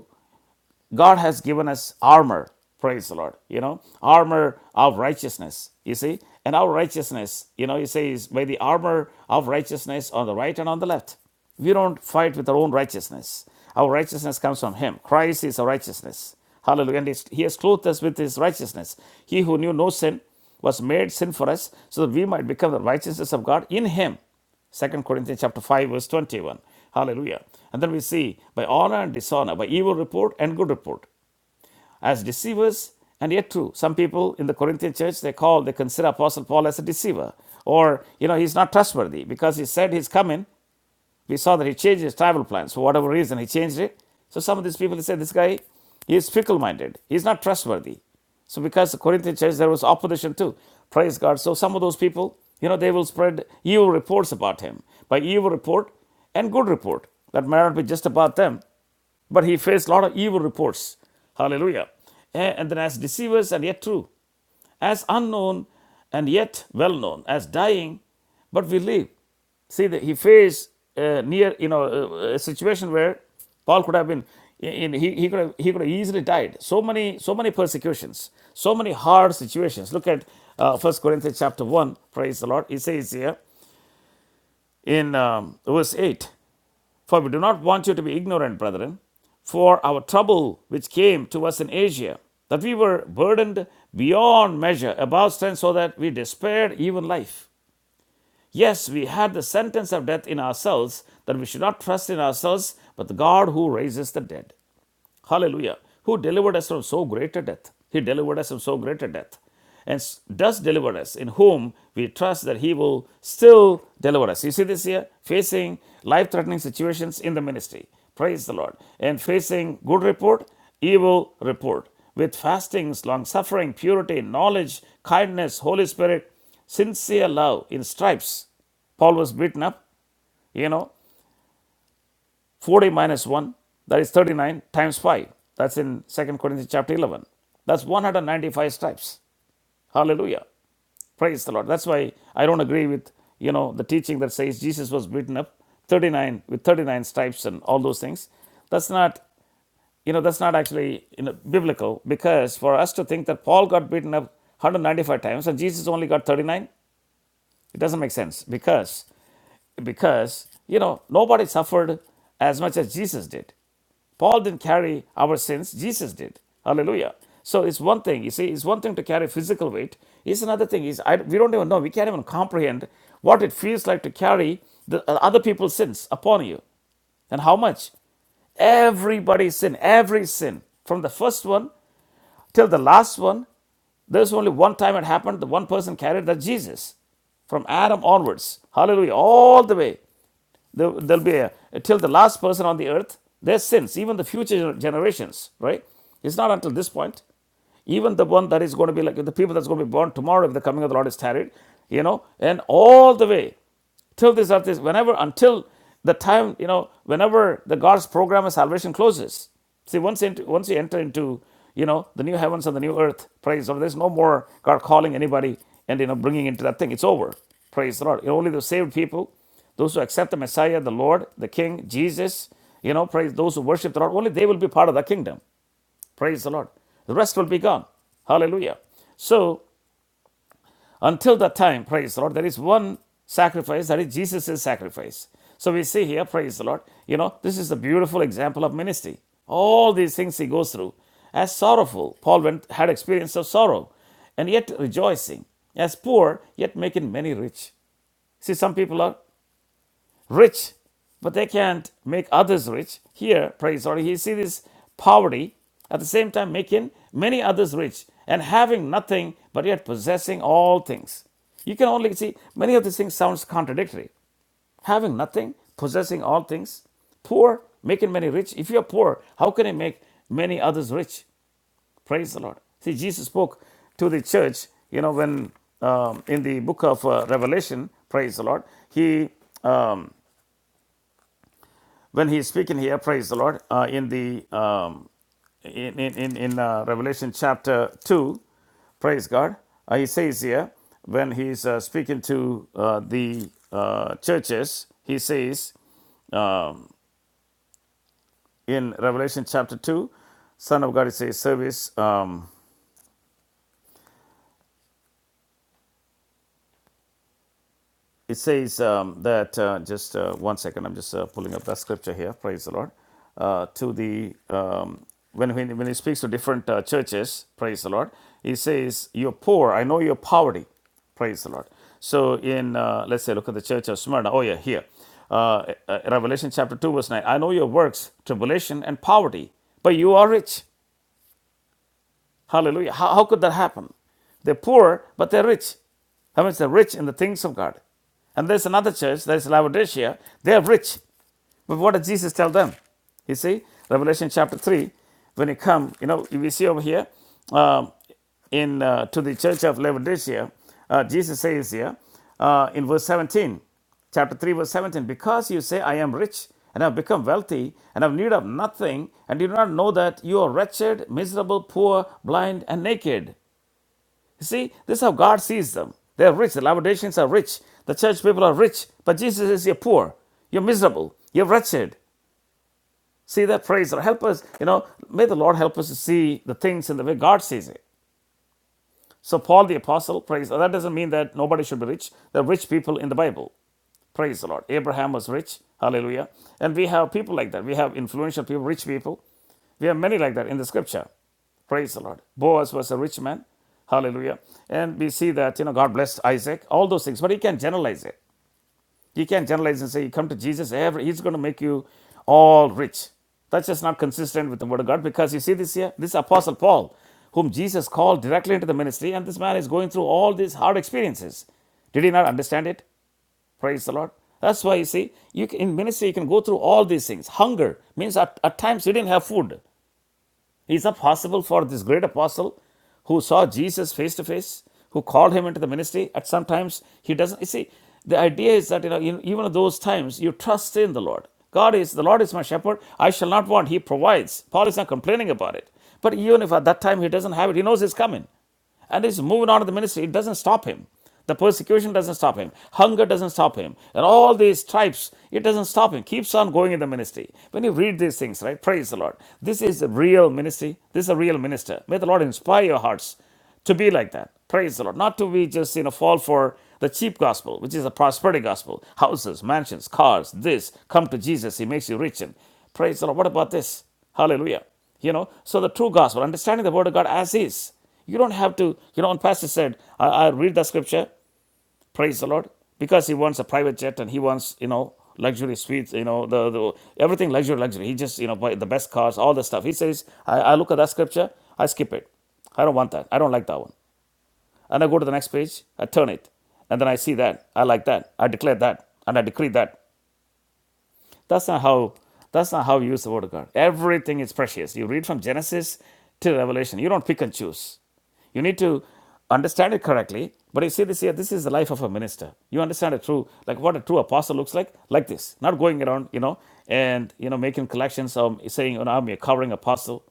Speaker 1: God has given us armor, praise the Lord, you know, armor of righteousness, you see, and our righteousness, you know, he says, by the armor of righteousness on the right and on the left. We don't fight with our own righteousness. Our righteousness comes from Him. Christ is our righteousness. Hallelujah. And He has clothed us with His righteousness. He who knew no sin was made sin for us so that we might become the righteousness of God in Him. Second Corinthians chapter 5, verse 21. Hallelujah. And then we see by honor and dishonor, by evil report and good report, as deceivers and yet true. Some people in the Corinthian church they call, they consider Apostle Paul as a deceiver. Or, you know, he's not trustworthy because he said he's coming, we saw that he changed his travel plans for whatever reason. He changed it. So some of these people say this guy, he is fickle-minded. He is not trustworthy. So because the Corinthian church, there was opposition too. Praise God. So some of those people, you know, they will spread evil reports about him. By evil report and good report. That may not be just about them, but he faced a lot of evil reports. Hallelujah. Eh, And then as deceivers and yet true as unknown and yet well known, as dying, but we live. See, that he faced uh, near, you know, uh, a situation where Paul could have been, in, he, he, could have, he could have easily died. So many, so many persecutions, so many hard situations. Look at uh, 1 Corinthians chapter 1, praise the Lord. He says here in um, verse 8, for we do not want you to be ignorant, brethren, for our trouble which came to us in Asia, that we were burdened beyond measure, above strength, so that we despaired even life. Yes, we had the sentence of death in ourselves, that we should not trust in ourselves, but the God who raises the dead. Hallelujah. Who delivered us from so great a death? He delivered us from so great a death. And does deliver us, in whom we trust that He will still deliver us. You see this here? Facing life threatening situations in the ministry. Praise the Lord. And facing good report, evil report. With fastings, long suffering, purity, knowledge, kindness, Holy Spirit, sincere love in stripes. Paul was beaten up, you know, 40 minus 1, that is 39 times 5. That's in Second Corinthians chapter 11. That's 195 stripes. Hallelujah. Praise the Lord. That's why I don't agree with, you know, the teaching that says Jesus was beaten up 39 with 39 stripes and all those things. That's not, you know, that's not actually you know, biblical because for us to think that Paul got beaten up 195 times and Jesus only got 39, it doesn't make sense because because you know nobody suffered as much as Jesus did. Paul didn't carry our sins, Jesus did. Hallelujah. So it's one thing, you see, it's one thing to carry physical weight. It's another thing is I, we don't even know, we can't even comprehend what it feels like to carry the uh, other people's sins upon you. And how much? Everybody's sin, every sin. From the first one till the last one, there's only one time it happened, the one person carried that Jesus from Adam onwards. Hallelujah. All the way there, will be a, till the last person on the earth their sins even the future generations right it's not until this point even the one that is going to be like the people that's going to be born tomorrow if the coming of the Lord is tarried, you know, and all the way till this earth is whenever until the time you know whenever the God's program of salvation closes. See, once into, once you enter into you know the new heavens and the new earth, praise the Lord. There's no more God calling anybody and you know bringing into that thing. It's over. Praise the Lord. Only the saved people those who accept the Messiah, the Lord, the King, Jesus, you know, praise those who worship the Lord, only they will be part of the kingdom. Praise the Lord. The rest will be gone. Hallelujah. So, until that time, praise the Lord, there is one sacrifice, that is Jesus' sacrifice. So, we see here, praise the Lord, you know, this is a beautiful example of ministry. All these things he goes through as sorrowful. Paul went, had experience of sorrow and yet rejoicing, as poor, yet making many rich. See, some people are rich, but they can't make others rich. Here, praise the Lord, he sees this poverty at the same time making many others rich and having nothing but yet possessing all things. You can only see many of these things sounds contradictory. Having nothing, possessing all things, poor, making many rich. If you're poor, how can you make many others rich? Praise the Lord. See, Jesus spoke to the church, you know, when um, in the book of uh, Revelation, praise the Lord, he um, when he is speaking here, praise the Lord, uh, in the um, in in in, uh, Revelation chapter two, praise God. Uh, he says here when he's uh, speaking to uh, the uh, churches, he says in Revelation chapter two, Son of God, it says service. Um, it says um, that uh, just uh, one second i'm just uh, pulling up that scripture here praise the lord uh, to the um, when, when, when he speaks to different uh, churches praise the lord he says you're poor i know your poverty praise the lord so in uh, let's say look at the church of smyrna oh yeah here uh, uh, revelation chapter 2 verse 9 i know your works tribulation and poverty but you are rich Hallelujah. How, how could that happen? They're poor, but they're rich. That means they're rich in the things of God. And there's another church, there's Laodicea, they're rich. But what did Jesus tell them? You see, Revelation chapter 3, when you come, you know, we see over here um, in uh, to the church of Laodicea, uh, Jesus says here uh, in verse 17, chapter 3, verse 17, because you say, I am rich and have become wealthy and have need of nothing, and you do not know that you are wretched, miserable, poor, blind, and naked. You see, this is how God sees them. They are rich. The Laodiceans are rich. The church people are rich. But Jesus says, You're poor. You're miserable. You're wretched see that praise or help us you know may the lord help us to see the things in the way god sees it so paul the apostle praise that doesn't mean that nobody should be rich there are rich people in the bible praise the lord abraham was rich hallelujah and we have people like that we have influential people rich people we have many like that in the scripture Praise the Lord. Boaz was a rich man. Hallelujah. And we see that, you know, God blessed Isaac, all those things. But you can generalize it. You can't generalize and say, you come to Jesus, every, he's going to make you all rich. That's just not consistent with the word of God because you see this here, this apostle Paul, whom Jesus called directly into the ministry, and this man is going through all these hard experiences. Did he not understand it? Praise the Lord. That's why you see, you can, in ministry you can go through all these things. Hunger means at, at times you didn't have food. Is that possible for this great apostle who saw Jesus face to face, who called him into the ministry? At some times, he doesn't. You see, the idea is that, you know, in, even at those times, you trust in the Lord. God is, the Lord is my shepherd. I shall not want. He provides. Paul is not complaining about it. But even if at that time he doesn't have it, he knows it's coming and he's moving on to the ministry. It doesn't stop him. The persecution doesn't stop him. Hunger doesn't stop him. And all these stripes, it doesn't stop him. Keeps on going in the ministry. When you read these things, right? Praise the Lord. This is a real ministry. This is a real minister. May the Lord inspire your hearts to be like that. Praise the Lord. Not to be just, you know, fall for the cheap gospel, which is the prosperity gospel. Houses, mansions, cars, this. Come to Jesus. He makes you rich. And praise the Lord. What about this? Hallelujah. You know, so the true gospel, understanding the word of God as is. You don't have to, you know, when Pastor said, I, I read the scripture, praise the Lord, because he wants a private jet and he wants, you know, luxury suites, you know, the, the everything luxury, luxury. He just, you know, buy the best cars, all the stuff. He says, I, I look at that scripture, I skip it. I don't want that. I don't like that one. And I go to the next page, I turn it, and then I see that. I like that. I declare that. And I decree that. That's not how that's not how you use the word of God. Everything is precious. You read from Genesis to Revelation. You don't pick and choose. You need to understand it correctly. But you see this here, this is the life of a minister. You understand it through like what a true apostle looks like, like this. Not going around, you know, and you know, making collections um saying, you know, I'm a covering apostle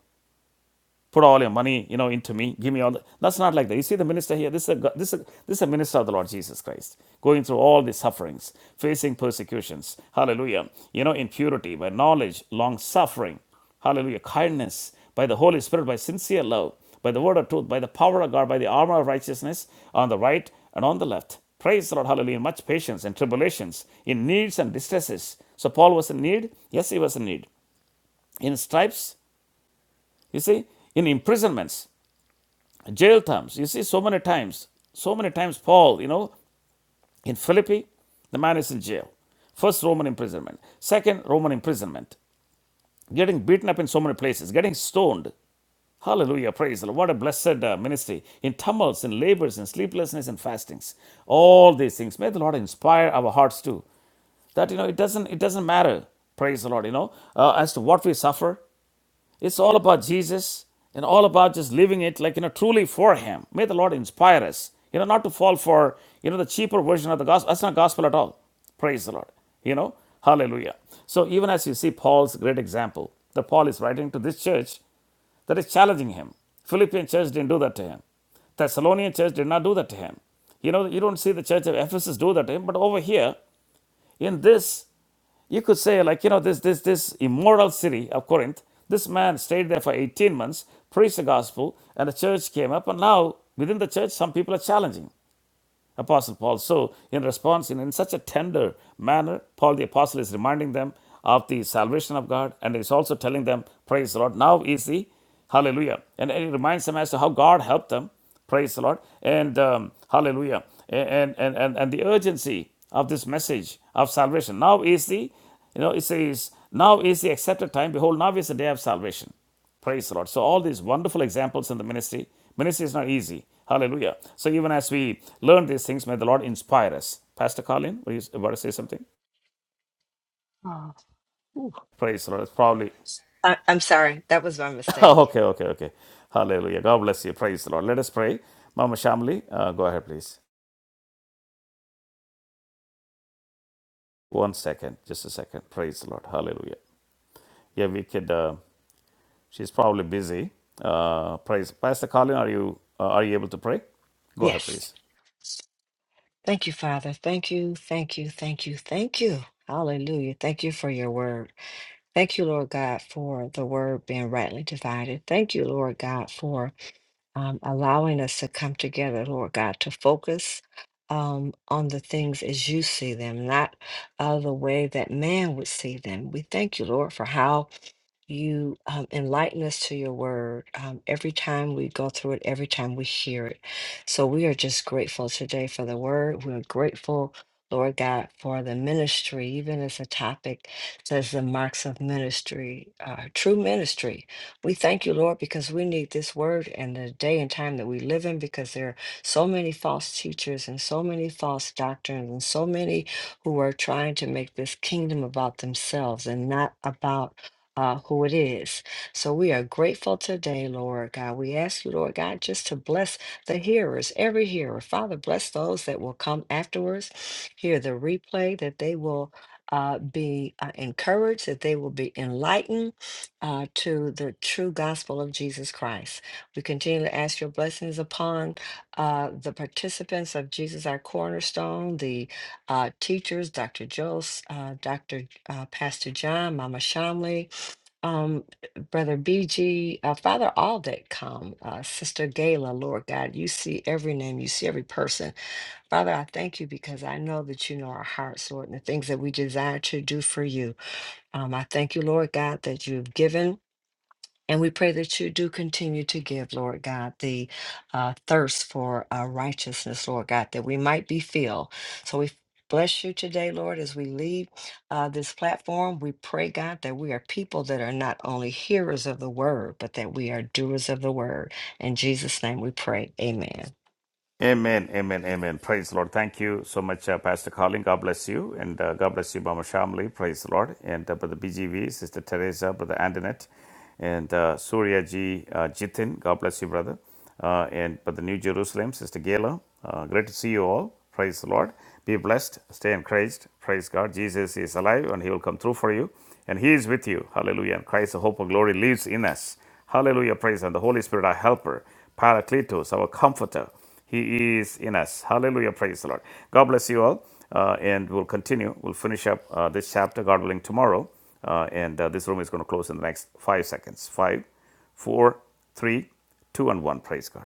Speaker 1: put all your money, you know, into me. Give me all the. That's not like that. You see the minister here. This is a this is a, this is a minister of the Lord Jesus Christ, going through all the sufferings, facing persecutions. Hallelujah. You know, in purity, by knowledge, long suffering. Hallelujah. Kindness by the Holy Spirit, by sincere love, by the word of truth, by the power of God, by the armor of righteousness on the right and on the left. Praise the Lord, hallelujah. In much patience and tribulations, in needs and distresses. So Paul was in need. Yes, he was in need. In stripes, you see, in imprisonments jail terms. You see, so many times, so many times, Paul, you know, in Philippi, the man is in jail. First, Roman imprisonment. Second, Roman imprisonment. Getting beaten up in so many places, getting stoned. Hallelujah, praise the Lord. What a blessed uh, ministry. In tumults, in labors, in sleeplessness, and fastings. All these things. May the Lord inspire our hearts too. That, you know, it doesn't, it doesn't matter, praise the Lord, you know, uh, as to what we suffer, it's all about Jesus and all about just living it like, you know, truly for Him. May the Lord inspire us, you know, not to fall for, you know, the cheaper version of the gospel. That's not gospel at all. Praise the Lord. You know, hallelujah. So even as you see Paul's great example, that Paul is writing to this church that is challenging him. Philippian church didn't do that to him. Thessalonian church did not do that to him. You know, you don't see the church of Ephesus do that to him, but over here in this you could say, like, you know, this, this, this immoral city of Corinth, this man stayed there for 18 months, preached the gospel, and the church came up, and now within the church, some people are challenging. Apostle Paul. So, in response, in, in such a tender manner, Paul the Apostle is reminding them of the salvation of God and is also telling them, Praise the Lord. Now is the hallelujah. And, and it reminds them as to how God helped them. Praise the Lord. And um, hallelujah. And, and, and, and the urgency of this message of salvation. Now is the, you know, it says, Now is the accepted time. Behold, now is the day of salvation. Praise the Lord. So, all these wonderful examples in the ministry. Ministry is not easy. Hallelujah. So, even as we learn these things, may the Lord inspire us. Pastor Colin, were you about to say something?
Speaker 4: Oh, Ooh.
Speaker 1: Praise the Lord. It's probably.
Speaker 4: I- I'm sorry. That was my mistake.
Speaker 1: okay, okay, okay. Hallelujah. God bless you. Praise the Lord. Let us pray. Mama Shamli, uh, go ahead, please. One second. Just a second. Praise the Lord. Hallelujah. Yeah, we could. Uh, she's probably busy. Uh, praise. Pastor Colin, are you, uh, are you able to pray? Go ahead,
Speaker 4: Yes.
Speaker 1: please.
Speaker 4: Thank you, Father. Thank you, thank you, thank you, thank you. Hallelujah. Thank you for your word. Thank you, Lord God, for the word being rightly divided. Thank you, Lord God, for um, allowing us to come together, Lord God, to focus um, on the things as you see them, not uh, the way that man would see them. We thank you, Lord, for how you um, enlighten us to your word um, every time we go through it, every time we hear it. So we are just grateful today for the word. We're grateful, Lord God, for the ministry, even as the topic says the marks of ministry, uh, true ministry. We thank you, Lord, because we need this word and the day and time that we live in because there are so many false teachers and so many false doctrines and so many who are trying to make this kingdom about themselves and not about uh, who it is. So we are grateful today, Lord God. We ask you, Lord God, just to bless the hearers, every hearer. Father, bless those that will come afterwards, hear the replay, that they will. Uh, be uh, encouraged, that they will be enlightened uh, to the true gospel of Jesus Christ. We continue to ask your blessings upon uh, the participants of Jesus, our cornerstone, the uh, teachers, Dr. Jones, uh, Dr. Uh, Pastor John, Mama Shamley, um, Brother BG, uh, Father, all that come, uh, Sister Gayla, Lord God, you see every name, you see every person. Father, I thank you because I know that you know our hearts, Lord, and the things that we desire to do for you. Um, I thank you, Lord God, that you've given. And we pray that you do continue to give, Lord God, the uh, thirst for uh, righteousness, Lord God, that we might be filled. So we bless you today, Lord, as we leave uh, this platform. We pray, God, that we are people that are not only hearers of the word, but that we are doers of the word. In Jesus' name we pray. Amen.
Speaker 1: Amen, amen, amen. Praise the Lord. Thank you so much, uh, Pastor Colin. God bless you. And uh, God bless you, Mama Shamli. Praise the Lord. And uh, Brother BGV, Sister Teresa, Brother Antoinette, and uh, Surya G. Uh, Jitin. God bless you, brother. Uh, and Brother New Jerusalem, Sister Gayla. Uh, great to see you all. Praise the Lord. Be blessed. Stay encouraged. Praise God. Jesus is alive and He will come through for you. And He is with you. Hallelujah. And Christ, the hope of glory, lives in us. Hallelujah. Praise and the Holy Spirit, our helper Paracletos, our comforter. He is in us. Hallelujah. Praise the Lord. God bless you all. Uh, and we'll continue. We'll finish up uh, this chapter, God willing, tomorrow. Uh, and uh, this room is going to close in the next five seconds. Five, four, three, two, and one. Praise God.